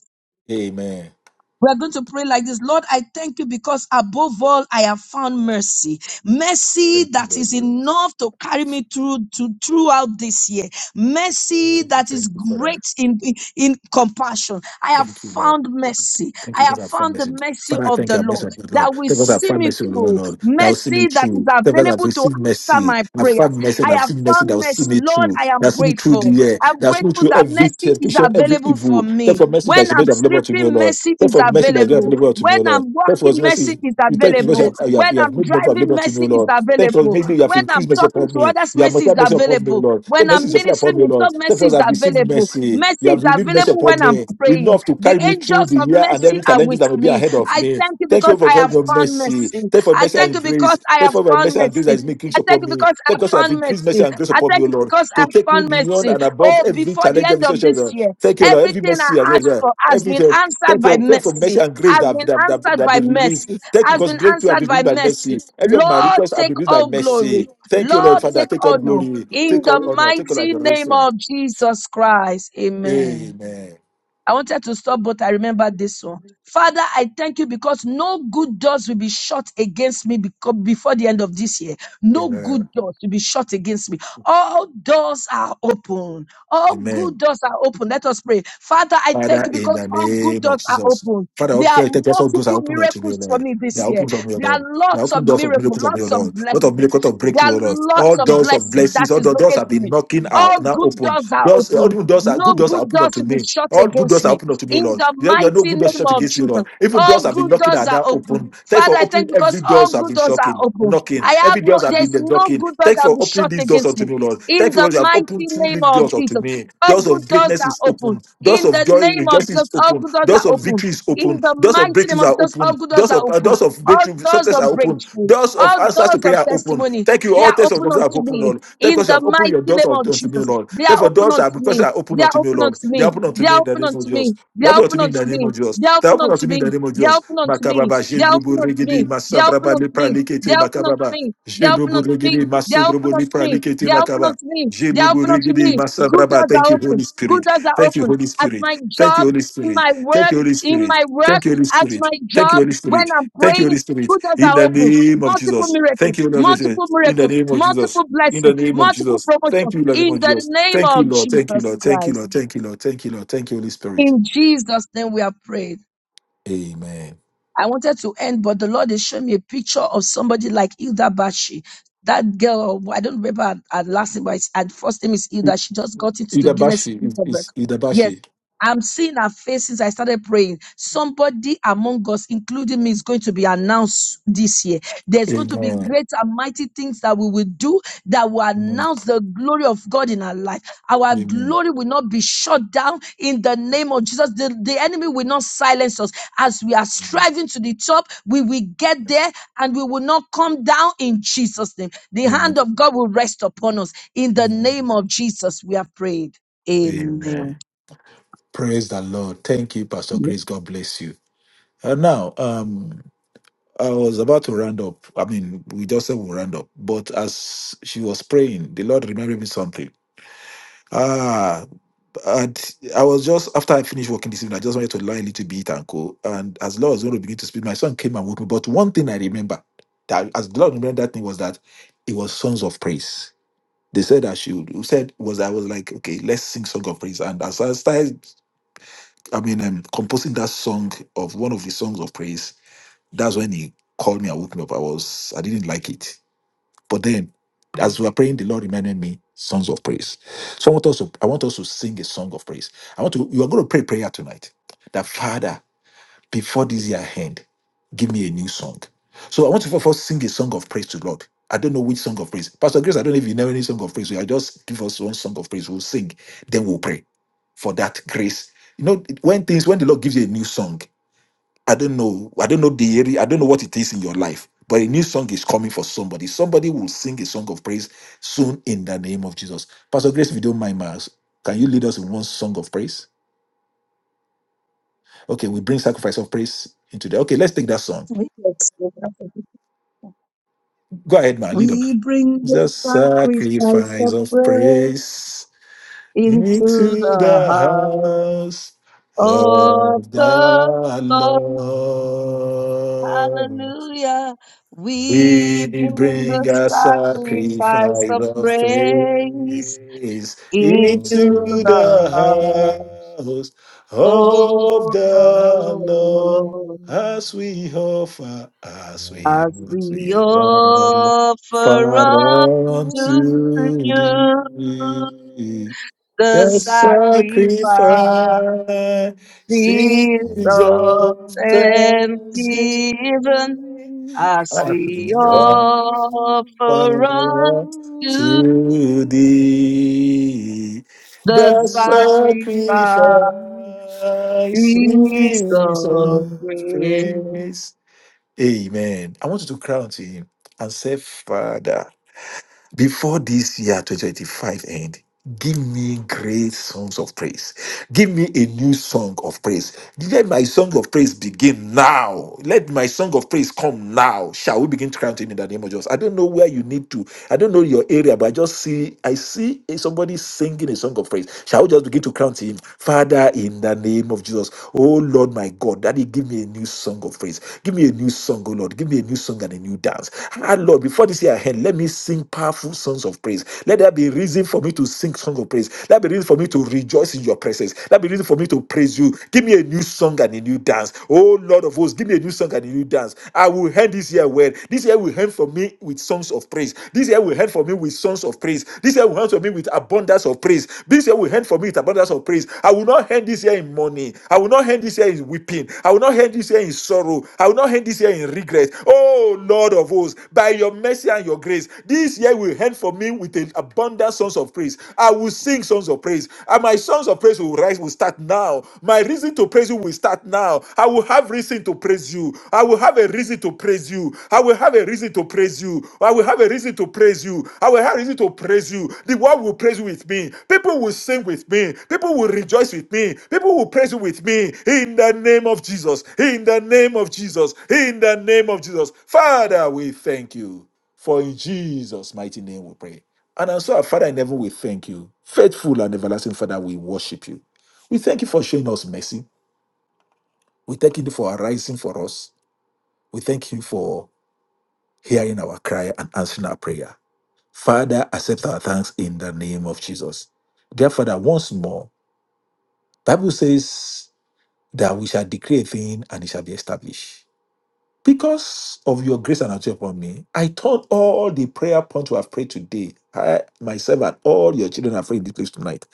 S1: Amen.
S4: We are going to pray like this. Lord, I thank you because above all, I have found mercy. Mercy
S1: Thank you,
S4: that is
S1: Lord.
S4: enough to carry me through to throughout this year. Mercy that
S1: Thank
S4: is
S1: you,
S4: great
S1: Father.
S4: in, in compassion. I have
S1: Thank you, Lord.
S4: found mercy.
S1: Thank
S4: I
S1: you because
S4: have
S1: I've found
S4: found the
S1: mercy.
S4: mercy
S1: Father, I
S4: of
S1: thank
S4: the
S1: you. I've mercy
S4: Lord
S1: on you, Lord.
S4: that
S1: Thank
S4: will
S1: you because I've
S4: see
S1: found
S4: me
S1: mercy, O Lord,
S4: through.
S1: Lord, that will see me
S4: Mercy that is
S1: through. Thank you because I've
S4: available to
S1: received
S4: answer
S1: mercy.
S4: my
S1: I've
S4: prayers.
S1: found mercy and
S4: I
S1: I've
S4: have
S1: seen mercy that
S4: found
S1: will see
S4: mercy.
S1: me
S4: Lord,
S1: through.
S4: I
S1: That
S4: am
S1: will see me through the
S4: grateful.
S1: year.
S4: I'm
S1: That will see me
S4: grateful
S1: through
S4: that
S1: every
S4: mercy is
S1: temptation, every
S4: available
S1: evil.
S4: for
S1: Thank
S4: me.
S1: you for mercy that
S4: When
S1: is
S4: I'm
S1: made available to me, O
S4: sleeping,
S1: Lord.
S4: mercy
S1: Thank
S4: is
S1: you for mercy that is made
S4: available.
S1: available to me,
S4: When
S1: O Lord.
S4: I'm
S1: Thank you for
S4: walking, mercy
S1: mercy.
S4: is
S1: You thank you because you
S4: available.
S1: have, you have,
S4: When
S1: you have
S4: I'm
S1: made mercy
S4: driving,
S1: available to me, O
S4: mercy is
S1: Lord. Thank you,
S4: available.
S1: maybe you have
S4: When
S1: increased
S4: I'm
S1: mercy
S4: talking
S1: upon
S4: to
S1: me.
S4: others,
S1: You have
S4: mercy is
S1: multiplied mercy upon me,
S4: available.
S1: Lord. The
S4: When
S1: mercy
S4: I'm
S1: is applied
S4: ministering
S1: upon me,
S4: in
S1: Lord.
S4: tongues, mercy
S1: Therefore, I
S4: is
S1: have received
S4: available.
S1: mercy.
S4: Mercy
S1: You have
S4: is
S1: renewed mercy
S4: available
S1: upon
S4: when I'm
S1: me.
S4: praying.
S1: Enough to
S4: The
S1: carry me through
S4: angels
S1: the
S4: of
S1: year and
S4: mercy
S1: every
S4: are
S1: challenges
S4: with
S1: that will be
S4: me.
S1: ahead of
S4: I
S1: me.
S4: thank you
S1: Thank you
S4: because
S1: for
S4: I
S1: for
S4: have
S1: your
S4: found
S1: mercy.
S4: mercy.
S1: Thank you for
S4: I
S1: mercy
S4: thank
S1: and
S4: you
S1: grace.
S4: because I
S1: Thank
S4: have
S1: you for your
S4: found
S1: mercy and grace that
S4: mercy.
S1: is making use
S4: I thank
S1: upon
S4: you
S1: me.
S4: because
S1: Thank
S4: I
S1: you
S4: have
S1: because you have
S4: found
S1: increased mercy
S4: mercy.
S1: and grace
S4: I
S1: upon me, O
S4: thank you
S1: Lord,
S4: because I
S1: to take me
S4: found
S1: beyond
S4: mercy.
S1: and above
S4: Oh,
S1: every
S4: before the
S1: challenge, every
S4: end of this
S1: situation.
S4: year,
S1: Thank you, Lord, every
S4: everything
S1: mercy
S4: I
S1: and
S4: asked
S1: grace,
S4: for has been
S1: everything.
S4: answered
S1: Thank
S4: by
S1: you, pray for mercy
S4: mercy,
S1: and grace
S4: has
S1: that have,
S4: been
S1: that, that, that
S4: answered
S1: have
S4: by
S1: been released.
S4: mercy,
S1: Thank you
S4: has
S1: because
S4: been
S1: breakthrough have
S4: answered
S1: been
S4: by
S1: released by mercy.
S4: mercy.
S1: Every of my
S4: Lord,
S1: requests have
S4: take
S1: been released by
S4: all
S1: mercy.
S4: glory.
S1: Thank you, Lord,
S4: Lord,
S1: Father.
S4: take
S1: Take all
S4: honor.
S1: glory,
S4: In
S1: take
S4: the
S1: all honor, take all
S4: mighty name
S1: adoration.
S4: of Jesus Christ. Amen.
S1: Amen.
S4: I wanted to stop, but I remember this one. Father, I thank you because no good doors will be shut against me beco- before the end of this year. No
S1: Amen.
S4: good doors will be shut against me. All doors are open. All
S1: Amen.
S4: good doors are open. Let us pray. Father, I thank
S1: Father,
S4: you
S1: in
S4: because
S1: the
S4: all good
S1: name of
S4: doors are
S1: Jesus.
S4: open.
S1: Father,
S4: There
S1: open
S4: are
S1: your doors. all doors are
S4: multiple
S1: open unto me, O
S4: miracles for
S1: Lord.
S4: me
S1: They
S4: this
S1: are open
S4: year.
S1: of me, O
S4: There are
S1: Lord. They are
S4: lots of
S1: open doors of
S4: miracles,
S1: miracles of me, O
S4: lots of
S1: Lord. Not of
S4: blessing.
S1: miracles of
S4: There are
S1: breakthrough, O Lord. All
S4: lots of
S1: doors of
S4: blessing that
S1: blessings, all
S4: is
S1: the doors have
S4: locating
S1: been
S4: me.
S1: knocking are
S4: All
S1: now
S4: good
S1: open.
S4: doors are
S1: Doors, all
S4: open.
S1: the doors are
S4: No
S1: good doors are
S4: good
S1: open
S4: doors
S1: unto
S4: will be
S1: me.
S4: shut
S1: All good
S4: against
S1: doors are
S4: me.
S1: opened up to me, O
S4: In
S1: Lord.
S4: the
S1: There there are no
S4: mighty
S1: good doors
S4: name
S1: shut
S4: of
S1: against me, O
S4: Jesus,
S1: Lord. Even
S4: all
S1: doors have been
S4: good
S1: knocking
S4: doors
S1: at
S4: are
S1: that
S4: open.
S1: open. Thank you
S4: Father,
S1: for
S4: I thank
S1: opening
S4: you
S1: every
S4: because all
S1: doors have
S4: good
S1: been
S4: doors are
S1: shocking,
S4: open.
S1: knocking.
S4: I have
S1: Every
S4: no,
S1: doors have been
S4: there's
S1: the
S4: no
S1: knocking.
S4: good door
S1: Thank you
S4: that will
S1: for
S4: be
S1: opening
S4: shut
S1: these doors
S4: against
S1: unto
S4: me.
S1: me, O Lord.
S4: In
S1: Thank you for
S4: the
S1: what you have
S4: mighty
S1: opened two
S4: name
S1: leaf
S4: of
S1: doors unto
S4: Jesus,
S1: me.
S4: all
S1: Doors of
S4: good doors
S1: greatness is
S4: are open.
S1: open. Doors
S4: In
S1: of
S4: the
S1: joy,
S4: name of
S1: rejoicing
S4: Jesus,
S1: is
S4: all
S1: open.
S4: good doors
S1: Doors
S4: are
S1: of
S4: open.
S1: victory is
S4: In
S1: open.
S4: the
S1: Doors of
S4: mighty name
S1: breakthroughs
S4: of
S1: are
S4: Jesus, all
S1: open.
S4: good doors
S1: Doors
S4: are
S1: of uh,
S4: open.
S1: doors of
S4: All
S1: breakthrough
S4: doors
S1: success are
S4: of
S1: open.
S4: breakthrough,
S1: Doors of
S4: all
S1: answers to
S4: doors of
S1: prayer are open.
S4: testimony,
S1: Thank you.
S4: they
S1: All
S4: are
S1: tests of
S4: open
S1: God are
S4: unto
S1: open,
S4: me.
S1: Lord. Therefore,
S4: In
S1: because you
S4: the
S1: have opened
S4: mighty
S1: your doors
S4: name of
S1: unto unto me, O
S4: Jesus,
S1: Lord.
S4: they are
S1: Therefore,
S4: open
S1: doors are
S4: unto me
S1: because they are open
S4: they are
S1: unto me, O
S4: open
S1: Lord.
S4: unto
S1: They are
S4: me.
S1: open unto
S4: They
S1: me
S4: are
S1: in the
S4: open
S1: name of
S4: unto
S1: Jesus.
S4: me. They
S1: They are
S4: are
S1: open unto
S4: open
S1: me in
S4: unto
S1: the name
S4: me.
S1: of Jesus.
S4: They are
S1: They are
S4: open
S1: open
S4: unto
S1: unto me in the
S4: me.
S1: name of
S4: They are
S1: Jesus.
S4: open unto me.
S1: Makababa,
S4: They are
S1: Jendrubu,
S4: open unto
S1: Regede,
S4: me. They are open
S1: Masandraba,
S4: unto
S1: Lepra,
S4: me. They
S1: Likete,
S4: are open unto
S1: Makababa.
S4: me. They are open
S1: Jendrubu,
S4: unto me.
S1: Regede,
S4: They are open
S1: Masandrubu,
S4: unto
S1: Lepra,
S4: me.
S1: Likete,
S4: They are open
S1: Makaba.
S4: unto me. They are
S1: Jendrubu,
S4: open unto
S1: Regede,
S4: me. Good
S1: Masandraba.
S4: doors
S1: Thank
S4: are
S1: you, Holy
S4: open. Good
S1: Spirit.
S4: doors are
S1: Thank you,
S4: open.
S1: Holy
S4: At
S1: Spirit.
S4: my
S1: Thank you,
S4: job,
S1: Holy
S4: in
S1: Spirit.
S4: my
S1: Thank
S4: work,
S1: you, Holy
S4: in
S1: Spirit.
S4: my
S1: Thank
S4: work,
S1: you, Holy
S4: at
S1: Spirit.
S4: my
S1: Thank you,
S4: job,
S1: Holy
S4: when
S1: Spirit.
S4: I'm
S1: Thank you,
S4: praying,
S1: Holy Spirit.
S4: good doors
S1: In
S4: are
S1: the
S4: open
S1: name of
S4: multiple
S1: Jesus.
S4: miracles,
S1: Thank you, Holy Spirit.
S4: multiple
S1: In the
S4: miracles,
S1: name of Jesus
S4: multiple
S1: in the
S4: blessings,
S1: name of
S4: multiple
S1: Jesus. Thank
S4: promotion
S1: you in the name
S4: in
S1: of
S4: the
S1: Jesus.
S4: name
S1: Thank you,
S4: of
S1: Lord. Thank you,
S4: Jesus
S1: Lord. Thank you,
S4: Christ.
S1: Lord. Thank you, Lord. Thank you, Lord. Thank you, Holy Spirit.
S4: In Jesus' name we are prayed.
S1: Amen.
S4: I wanted to end, but the Lord is showing me a picture of somebody like Hilda Bashi. That girl, I don't remember her, her last name, but it's- her first name is
S1: I-
S4: Hilda. She just got into the Guinness
S1: Idabashi
S4: Book
S1: is
S4: of
S1: is
S4: Records. Yes.
S1: Idabashi.
S4: I'm seeing her face since I started praying. Somebody among us, including me, is going to be announced this year. There's going to be
S1: Amen.
S4: great and mighty things that we will do that will
S1: Amen.
S4: announce the glory of God in our life. Our
S1: Amen.
S4: glory will not be shut down in the name of Jesus. The, the enemy will not silence us as we are striving to the top, we will get there and we will not come down in Jesus' name. The
S1: Amen.
S4: hand of God will rest upon us. In the
S1: Amen.
S4: name of Jesus, we have prayed.
S1: Amen.
S4: Amen.
S1: Praise the Lord. Thank you, Pastor Grace. God bless you. And now, um, I was about to round up. I mean, we just said we'll round up, but as she was praying, the Lord reminded me something. Ah. And I was just after I finished working this evening, I just wanted to lie a little bit and go. And as Lord was going to begin to speak, my son came and woke me. But one thing I remember that as the Lord remembered that thing was that it was songs of praise. They said I should. Who said was I was like, okay, let's sing song of praise. And as I started, I mean, um, composing that song of one of the songs of praise, that's when he called me and woke me up. I was I didn't like it but then, as we are praying, the Lord reminded me songs of praise. So I want us to I want us to sing a song of praise. I want to you are going to pray prayer tonight. That Father, before this year end, give me a new song. So I want you to first sing a song of praise to Lord. I don't know which song of praise. Pastor Grace, I don't know if you know any song of praise. I just give us one song of praise. We'll sing, then we'll pray for that grace. You know, when things when the Lord gives you a new song, I don't know. I don't know the area. I don't know what it is in your life. But a new song is coming for somebody. Somebody will sing a song of praise soon in the name of Jesus. Pastor Grace, if you don't mind, Miles, can you lead us in one song of praise? Okay, we bring sacrifice of praise into the. Okay, let's take that song.
S4: We
S1: Go ahead, man. Lead on.
S4: bring the
S1: The
S4: sacrifice
S1: sacrifice
S4: of
S1: of
S4: praise
S1: praise
S4: into
S1: into
S4: the
S1: the house
S4: heart of
S1: of
S4: the
S1: the
S4: Lord.
S1: Lord.
S4: Hallelujah. We
S1: We
S6: Bring
S4: bring the
S1: bring a
S6: the
S1: sacrifice
S4: sacrifice of
S6: sacrifice of
S1: of
S4: praise
S6: praise
S1: praise
S6: into
S4: into
S1: into
S6: the
S4: the
S1: the
S4: heart
S6: house of
S1: house
S4: of
S1: of
S6: the
S4: the
S1: the Lord
S4: Lord
S6: Lord.
S1: as we offer, as
S6: Cast
S1: we,
S4: as
S1: as
S6: you
S4: we
S1: we offer
S4: offer up to
S6: into
S1: unto
S4: you
S1: thee
S4: the
S1: the
S6: the
S4: sacrifice
S6: sacrifice.
S1: sacrifice
S4: of
S1: of
S6: And
S1: thanksgiving.
S4: thanksgiving
S6: thanksgiving
S4: as
S1: Father,
S4: we
S6: as we
S1: to
S6: offer
S4: offer up
S6: to
S4: to
S6: thee
S1: thee
S4: the
S1: the
S6: the
S4: sacrifice
S1: sacrifices
S6: sacrifice.
S4: of
S1: of
S4: grace.
S1: praise. Amen. I want you to crown to him and say, Father before this year 2025 end give me great songs of praise give me a new song of praise let my song of praise begin now let my song of praise come now shall we begin to count in the name of jesus i don't know where you need to I don't know your area, but I just see I see somebody singing a song of praise. Shall we just begin to crown to him, Father, in the name of Jesus? Oh Lord, my God, Daddy, give me a new song of praise. Give me a new song, oh Lord. Give me a new song and a new dance. Ah Lord, before this year end, let me sing powerful songs of praise. Let there be reason for me to sing song of praise. Let there be reason for me to rejoice in your presence. Let there be reason for me to praise you. Give me a new song and a new dance. Oh Lord of hosts, give me a new song song and a new dance. I will end this year well. This year will end for me with songs of praise. This year will end for me with songs of praise. This year will end for me with abundance of praise. This year will end for me with abundance of praise. I will not end this year in mourning. I will not end this year in weeping. I will not end this year in sorrow. I will not end this year in regret. Oh Lord of hosts, by your mercy and your grace, this year will end for me with an abundant songs of praise. I will sing songs of praise. And my songs of praise will rise sacrifice will start now. My reason to praise you will start now. I will have reason to praise you. I will have a reason to praise you. I will have a reason to praise you. I will have a reason to praise you. I will have a reason to praise you. The world will praise you with me. People will sing with me. People will rejoice with me. People will praise you with me. In the name of Jesus. In the name of Jesus. In the name of Jesus. Father, we thank you. For in Jesus' mighty name we pray. And also, our Father in heaven, we thank you. Faithful and everlasting Father, we worship you. We thank you for showing us mercy. We thank you for arising for us. We thank you for hearing our cry and answering our prayer. Father, accept our thanks in the name of Jesus. Dear Father, once more, Bible says that we shall decree a thing and it shall be established. Because of your grace and mercy upon me, I turn all the prayer points we have prayed today, I myself and all your children have prayed in this place tonight.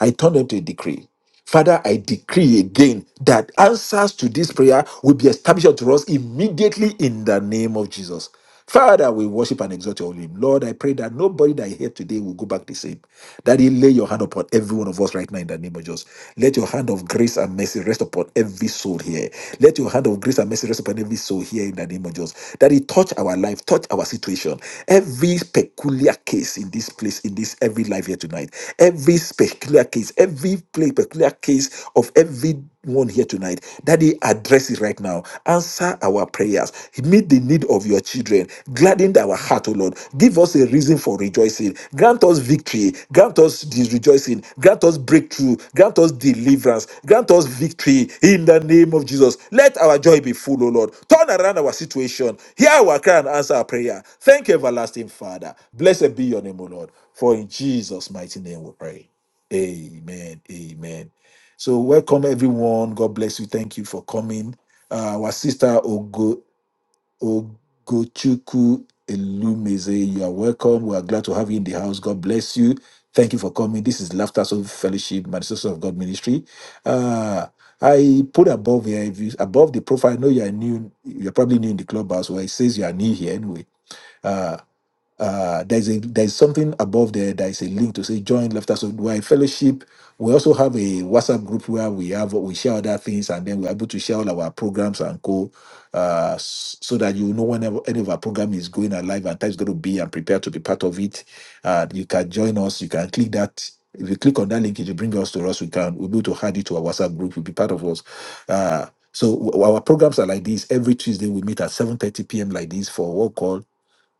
S1: I turn them to a decree. Father, I decree again that answers to this prayer will be established unto us immediately in the name of Jesus. Father, we worship and exalt your holy name. Lord, I pray that nobody that I hear today will go back the same. That you lay your hand upon every one of us right now in the name of Jesus. Let your hand of grace and mercy rest upon every soul here. Let your hand of grace and mercy rest upon every soul here in the name of Jesus. That it touch touch our life, touch our situation. Every peculiar case in this place, in this every life here tonight, every peculiar case, every play, peculiar case of every one here tonight, Daddy, address it right now. Answer our prayers. Meet the need of your children. Gladden our heart, O Lord. Give us a reason for rejoicing. Grant us victory. Grant us this rejoicing. Grant Grant us breakthrough. Grant us deliverance. Grant us victory in the name of Jesus. Let our joy be full, O Lord. Turn around our situation. Hear our cry and answer our prayer. Thank you, everlasting Father. Blessed be your name, O Lord. For in Jesus' mighty name we pray. Amen. Amen. So welcome everyone. God bless you. Thank you for coming. Uh, our sister Ogo Ogochukwu Elumeze. You are welcome. We are glad to have you in the house. God bless you. Thank you for coming. This is Laughter Soul Fellowship, Manifestation of God Ministry. Uh, I put above here, if you, above the profile, I know you are new. You're probably new in the clubhouse. Well, it says you are new here anyway. Uh, uh, there's a there's something above there There's a link to say join laughter so we are a fellowship we also have a whatsapp group where we have we share other things and then we're able to share all our programs and co uh s- so that you know whenever any of our program is going alive and time is going to be and prepare to be part of it uh you can join us you can click that if you click on that link it will bring us to us we can we'll be able to add it to our whatsapp group you'll be part of us uh so w- our programs are like this every tuesday we meet at 7:30 p.m like this for a call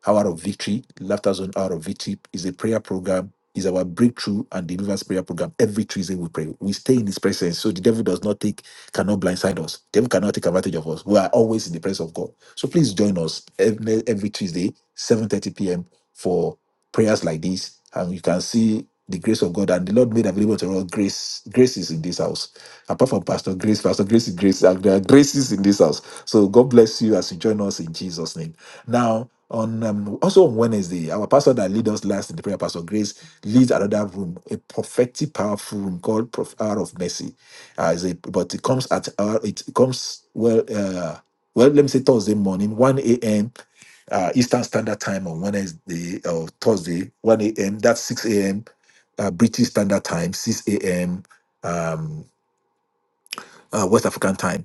S1: Hour of Victory, Laughter Zone Hour of Victory is a prayer program, is our breakthrough and deliverance prayer program. Every Tuesday we pray. We stay in his presence. So the devil does not take, cannot blindside us. devil cannot take advantage of us. We are always in the presence of God. So please join us every, every Tuesday, 7.30 p.m. for prayers like this. And you can see the grace of God. And the Lord made available to us grace. Grace is in this house apart from Pastor Grace, Pastor Grace is Grace. uh, There are graces in this house. So God bless you as you join us in Jesus' name. Now, on um, also on Wednesday, our pastor that lead us last in the prayer, Pastor Grace, leads another room, a prophetic, powerful room called Prof- Hour of Mercy. Uh, is a, but it comes at our, it comes well, uh, well, let me say Thursday morning, 1 a.m. Uh, Eastern Standard Time on Wednesday or Thursday, 1 a.m. That's 6 a.m. Uh, British Standard Time, 6 a.m uh, West African time.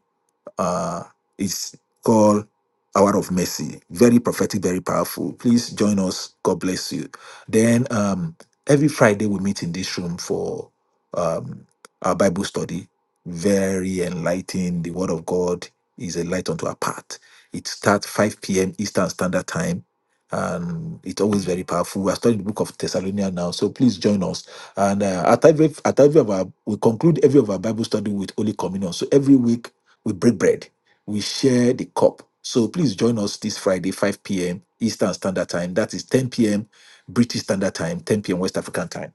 S1: Uh, it's called Hour of Mercy. Very prophetic, very powerful. Please join us. God bless you. Then um, every Friday we meet in this room for um, our Bible study. Very enlightening. The Word of God is a light unto our path. It starts 5 p.m. Eastern Standard Time. And it's always very powerful. We are studying the book of Thessalonians now, so please join us. And uh, at every at every of our we conclude every of our Bible study with Holy Communion. So every week we break bread. We share the cup. So please join us this Friday, 5 p.m. Eastern Standard Time. That is 10 p.m. British Standard Time, 10 p.m. West African Time.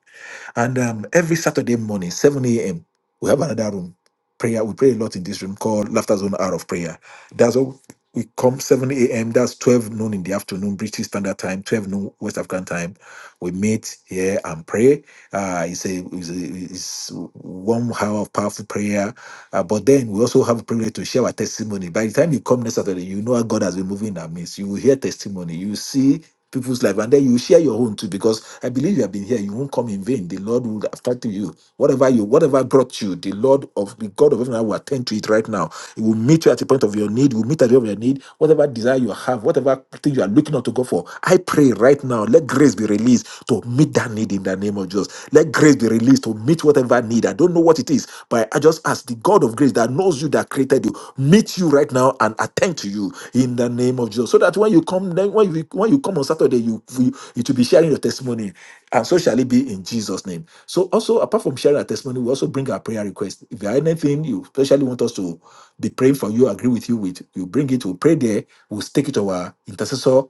S1: And um, every Saturday morning, 7 a.m., we have another room. Prayer. We pray a lot in this room called Laughter Zone Hour of Prayer. That's what we come 7 a.m. That's 12 noon in the afternoon, British Standard Time, 12 noon West African Time. We meet here and pray. Uh, it's, a, it's, a- it's one hour of powerful prayer. Uh, but then we also have a privilege to share our testimony. By the time you come next Saturday, you know how God has been moving in our midst. You will hear testimony. You will see people's life, and then you share your own too. Because I believe you have been here. You won't come in vain. The Lord will attend to you. Whatever you, whatever brought you, the Lord of the God of heaven will attend to it right now. He will meet you at the point of your need. He will meet at the point of your need. Whatever desire you have you have, whatever thing you are looking out to God for, I pray right now, let grace be released to meet that need in the name of Jesus. Let grace be released to meet whatever need. I don't know what it is, but I just ask the God of grace that knows you, that created you, meet you right now and attend to you in the name of Jesus. So that when you come, then when you when you come on Saturday, you you, you to be sharing your testimony, and so shall it be in Jesus' name. So also, apart from sharing our testimony, we also bring our prayer request. If there are anything you especially want want us to be praying for you, agree with you with, you bring it, we'll pray there, we'll take it to our intercessor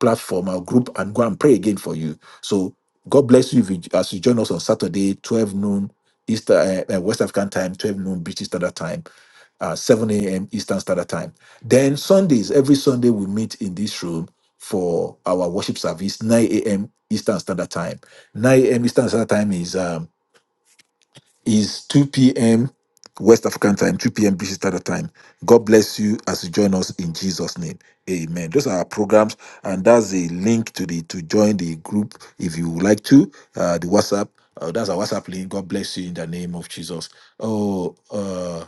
S1: platform, our group, and go and pray again for you. So God bless you if you, as you join us on Saturday, 12 noon Easter, uh, uh, West African time, 12 noon British Standard Time, uh, 7 a.m. Eastern Standard Time. Then Sundays, every Sunday we meet in this room for our worship service, 9 a.m. Eastern Standard Time. 9 a.m. Eastern Standard Time is um, is 2 p.m. West African time, 2 p.m. British Standard Time. God bless you as you join us in Jesus' name. Amen. Those are our programs, and that's a link to the to join the group if you would like to. Uh, the WhatsApp, uh, that's our WhatsApp link. God bless you in the name of Jesus. Oh, uh,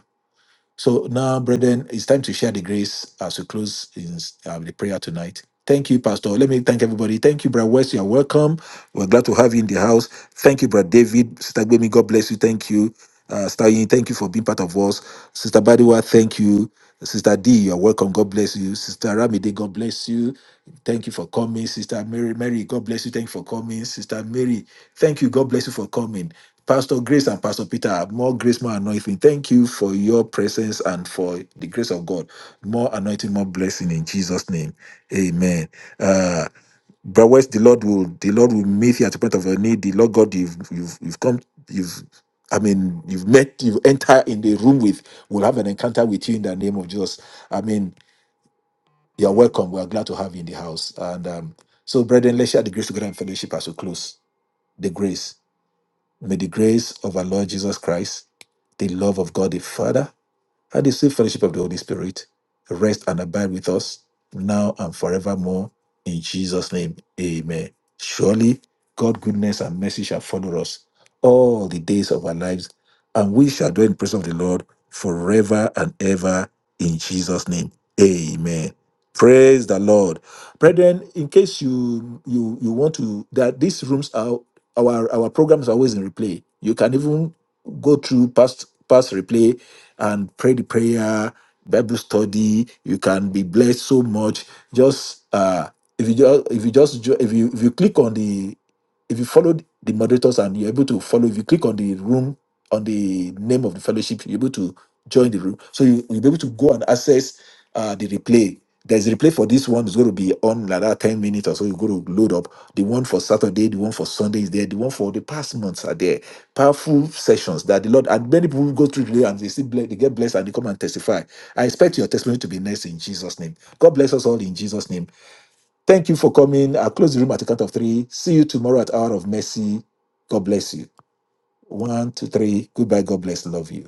S1: so now, brethren, it's time to share the grace as we close in uh, the prayer tonight. Thank you, Pastor. Let me thank everybody. Thank you, Brother West. You are welcome. We're glad to have you in the house. Thank you, Brother David. Sister Gbemi, God bless you. Thank you. Uh, Sister Yin, thank you for being part of us. Sister Badiwa, thank you. Sister D, you are welcome. God bless you. Sister Ramide, God bless you. Thank you for coming. Sister Mary, Mary, God bless you. Thank you for coming. Sister Mary, thank you. God bless you for coming. Pastor Grace and Pastor Peter, are more grace, more anointing. Thank you for your presence and for the grace of God. More anointing, more blessing in Jesus' name. Amen. Uh, Brother West, the Lord will the Lord will meet you at the point of your need. The Lord God you've you've you've come you've I mean you've met you enter in the room with will have an encounter with you in the name of Jesus. I mean you're welcome. We are glad to have you in the house. And um, so brethren, let's share the grace together in fellowship as we close. The grace. May the grace of our Lord Jesus Christ, the love of God the Father, and the sweet fellowship of the Holy Spirit rest and abide with us now and forevermore. In Jesus' name, amen. Surely, God's goodness and mercy shall follow us all the days of our lives, and we shall dwell in the presence of the Lord forever and ever. In Jesus' name, amen. Praise the Lord. Brethren, in case you you you want to that these rooms are our our programs are always in replay. You can even go through past past replay and pray the prayer, Bible study. You can be blessed so much. Just uh if you just if you just jo- if you if you click on the if you follow the moderators and you're able to follow, if you click on the room on the name of the fellowship, you're able to join the room. So you, you'll be able to go and access uh, the replay. There's a replay for this one, it's going to be on like that 10 minutes or so. You're going to load up the one for Saturday, the one for Sunday is there, the one for the past months are there. Powerful sessions that the Lord and many people go through today and they see ble- they get blessed and they come and testify. I expect your testimony to be next in Jesus' name. God bless us all in Jesus' name. Thank you for coming. I'll close the room at the count of three. See you tomorrow at Hour of Mercy. God bless you. One, two, three. Goodbye. God bless. Love you.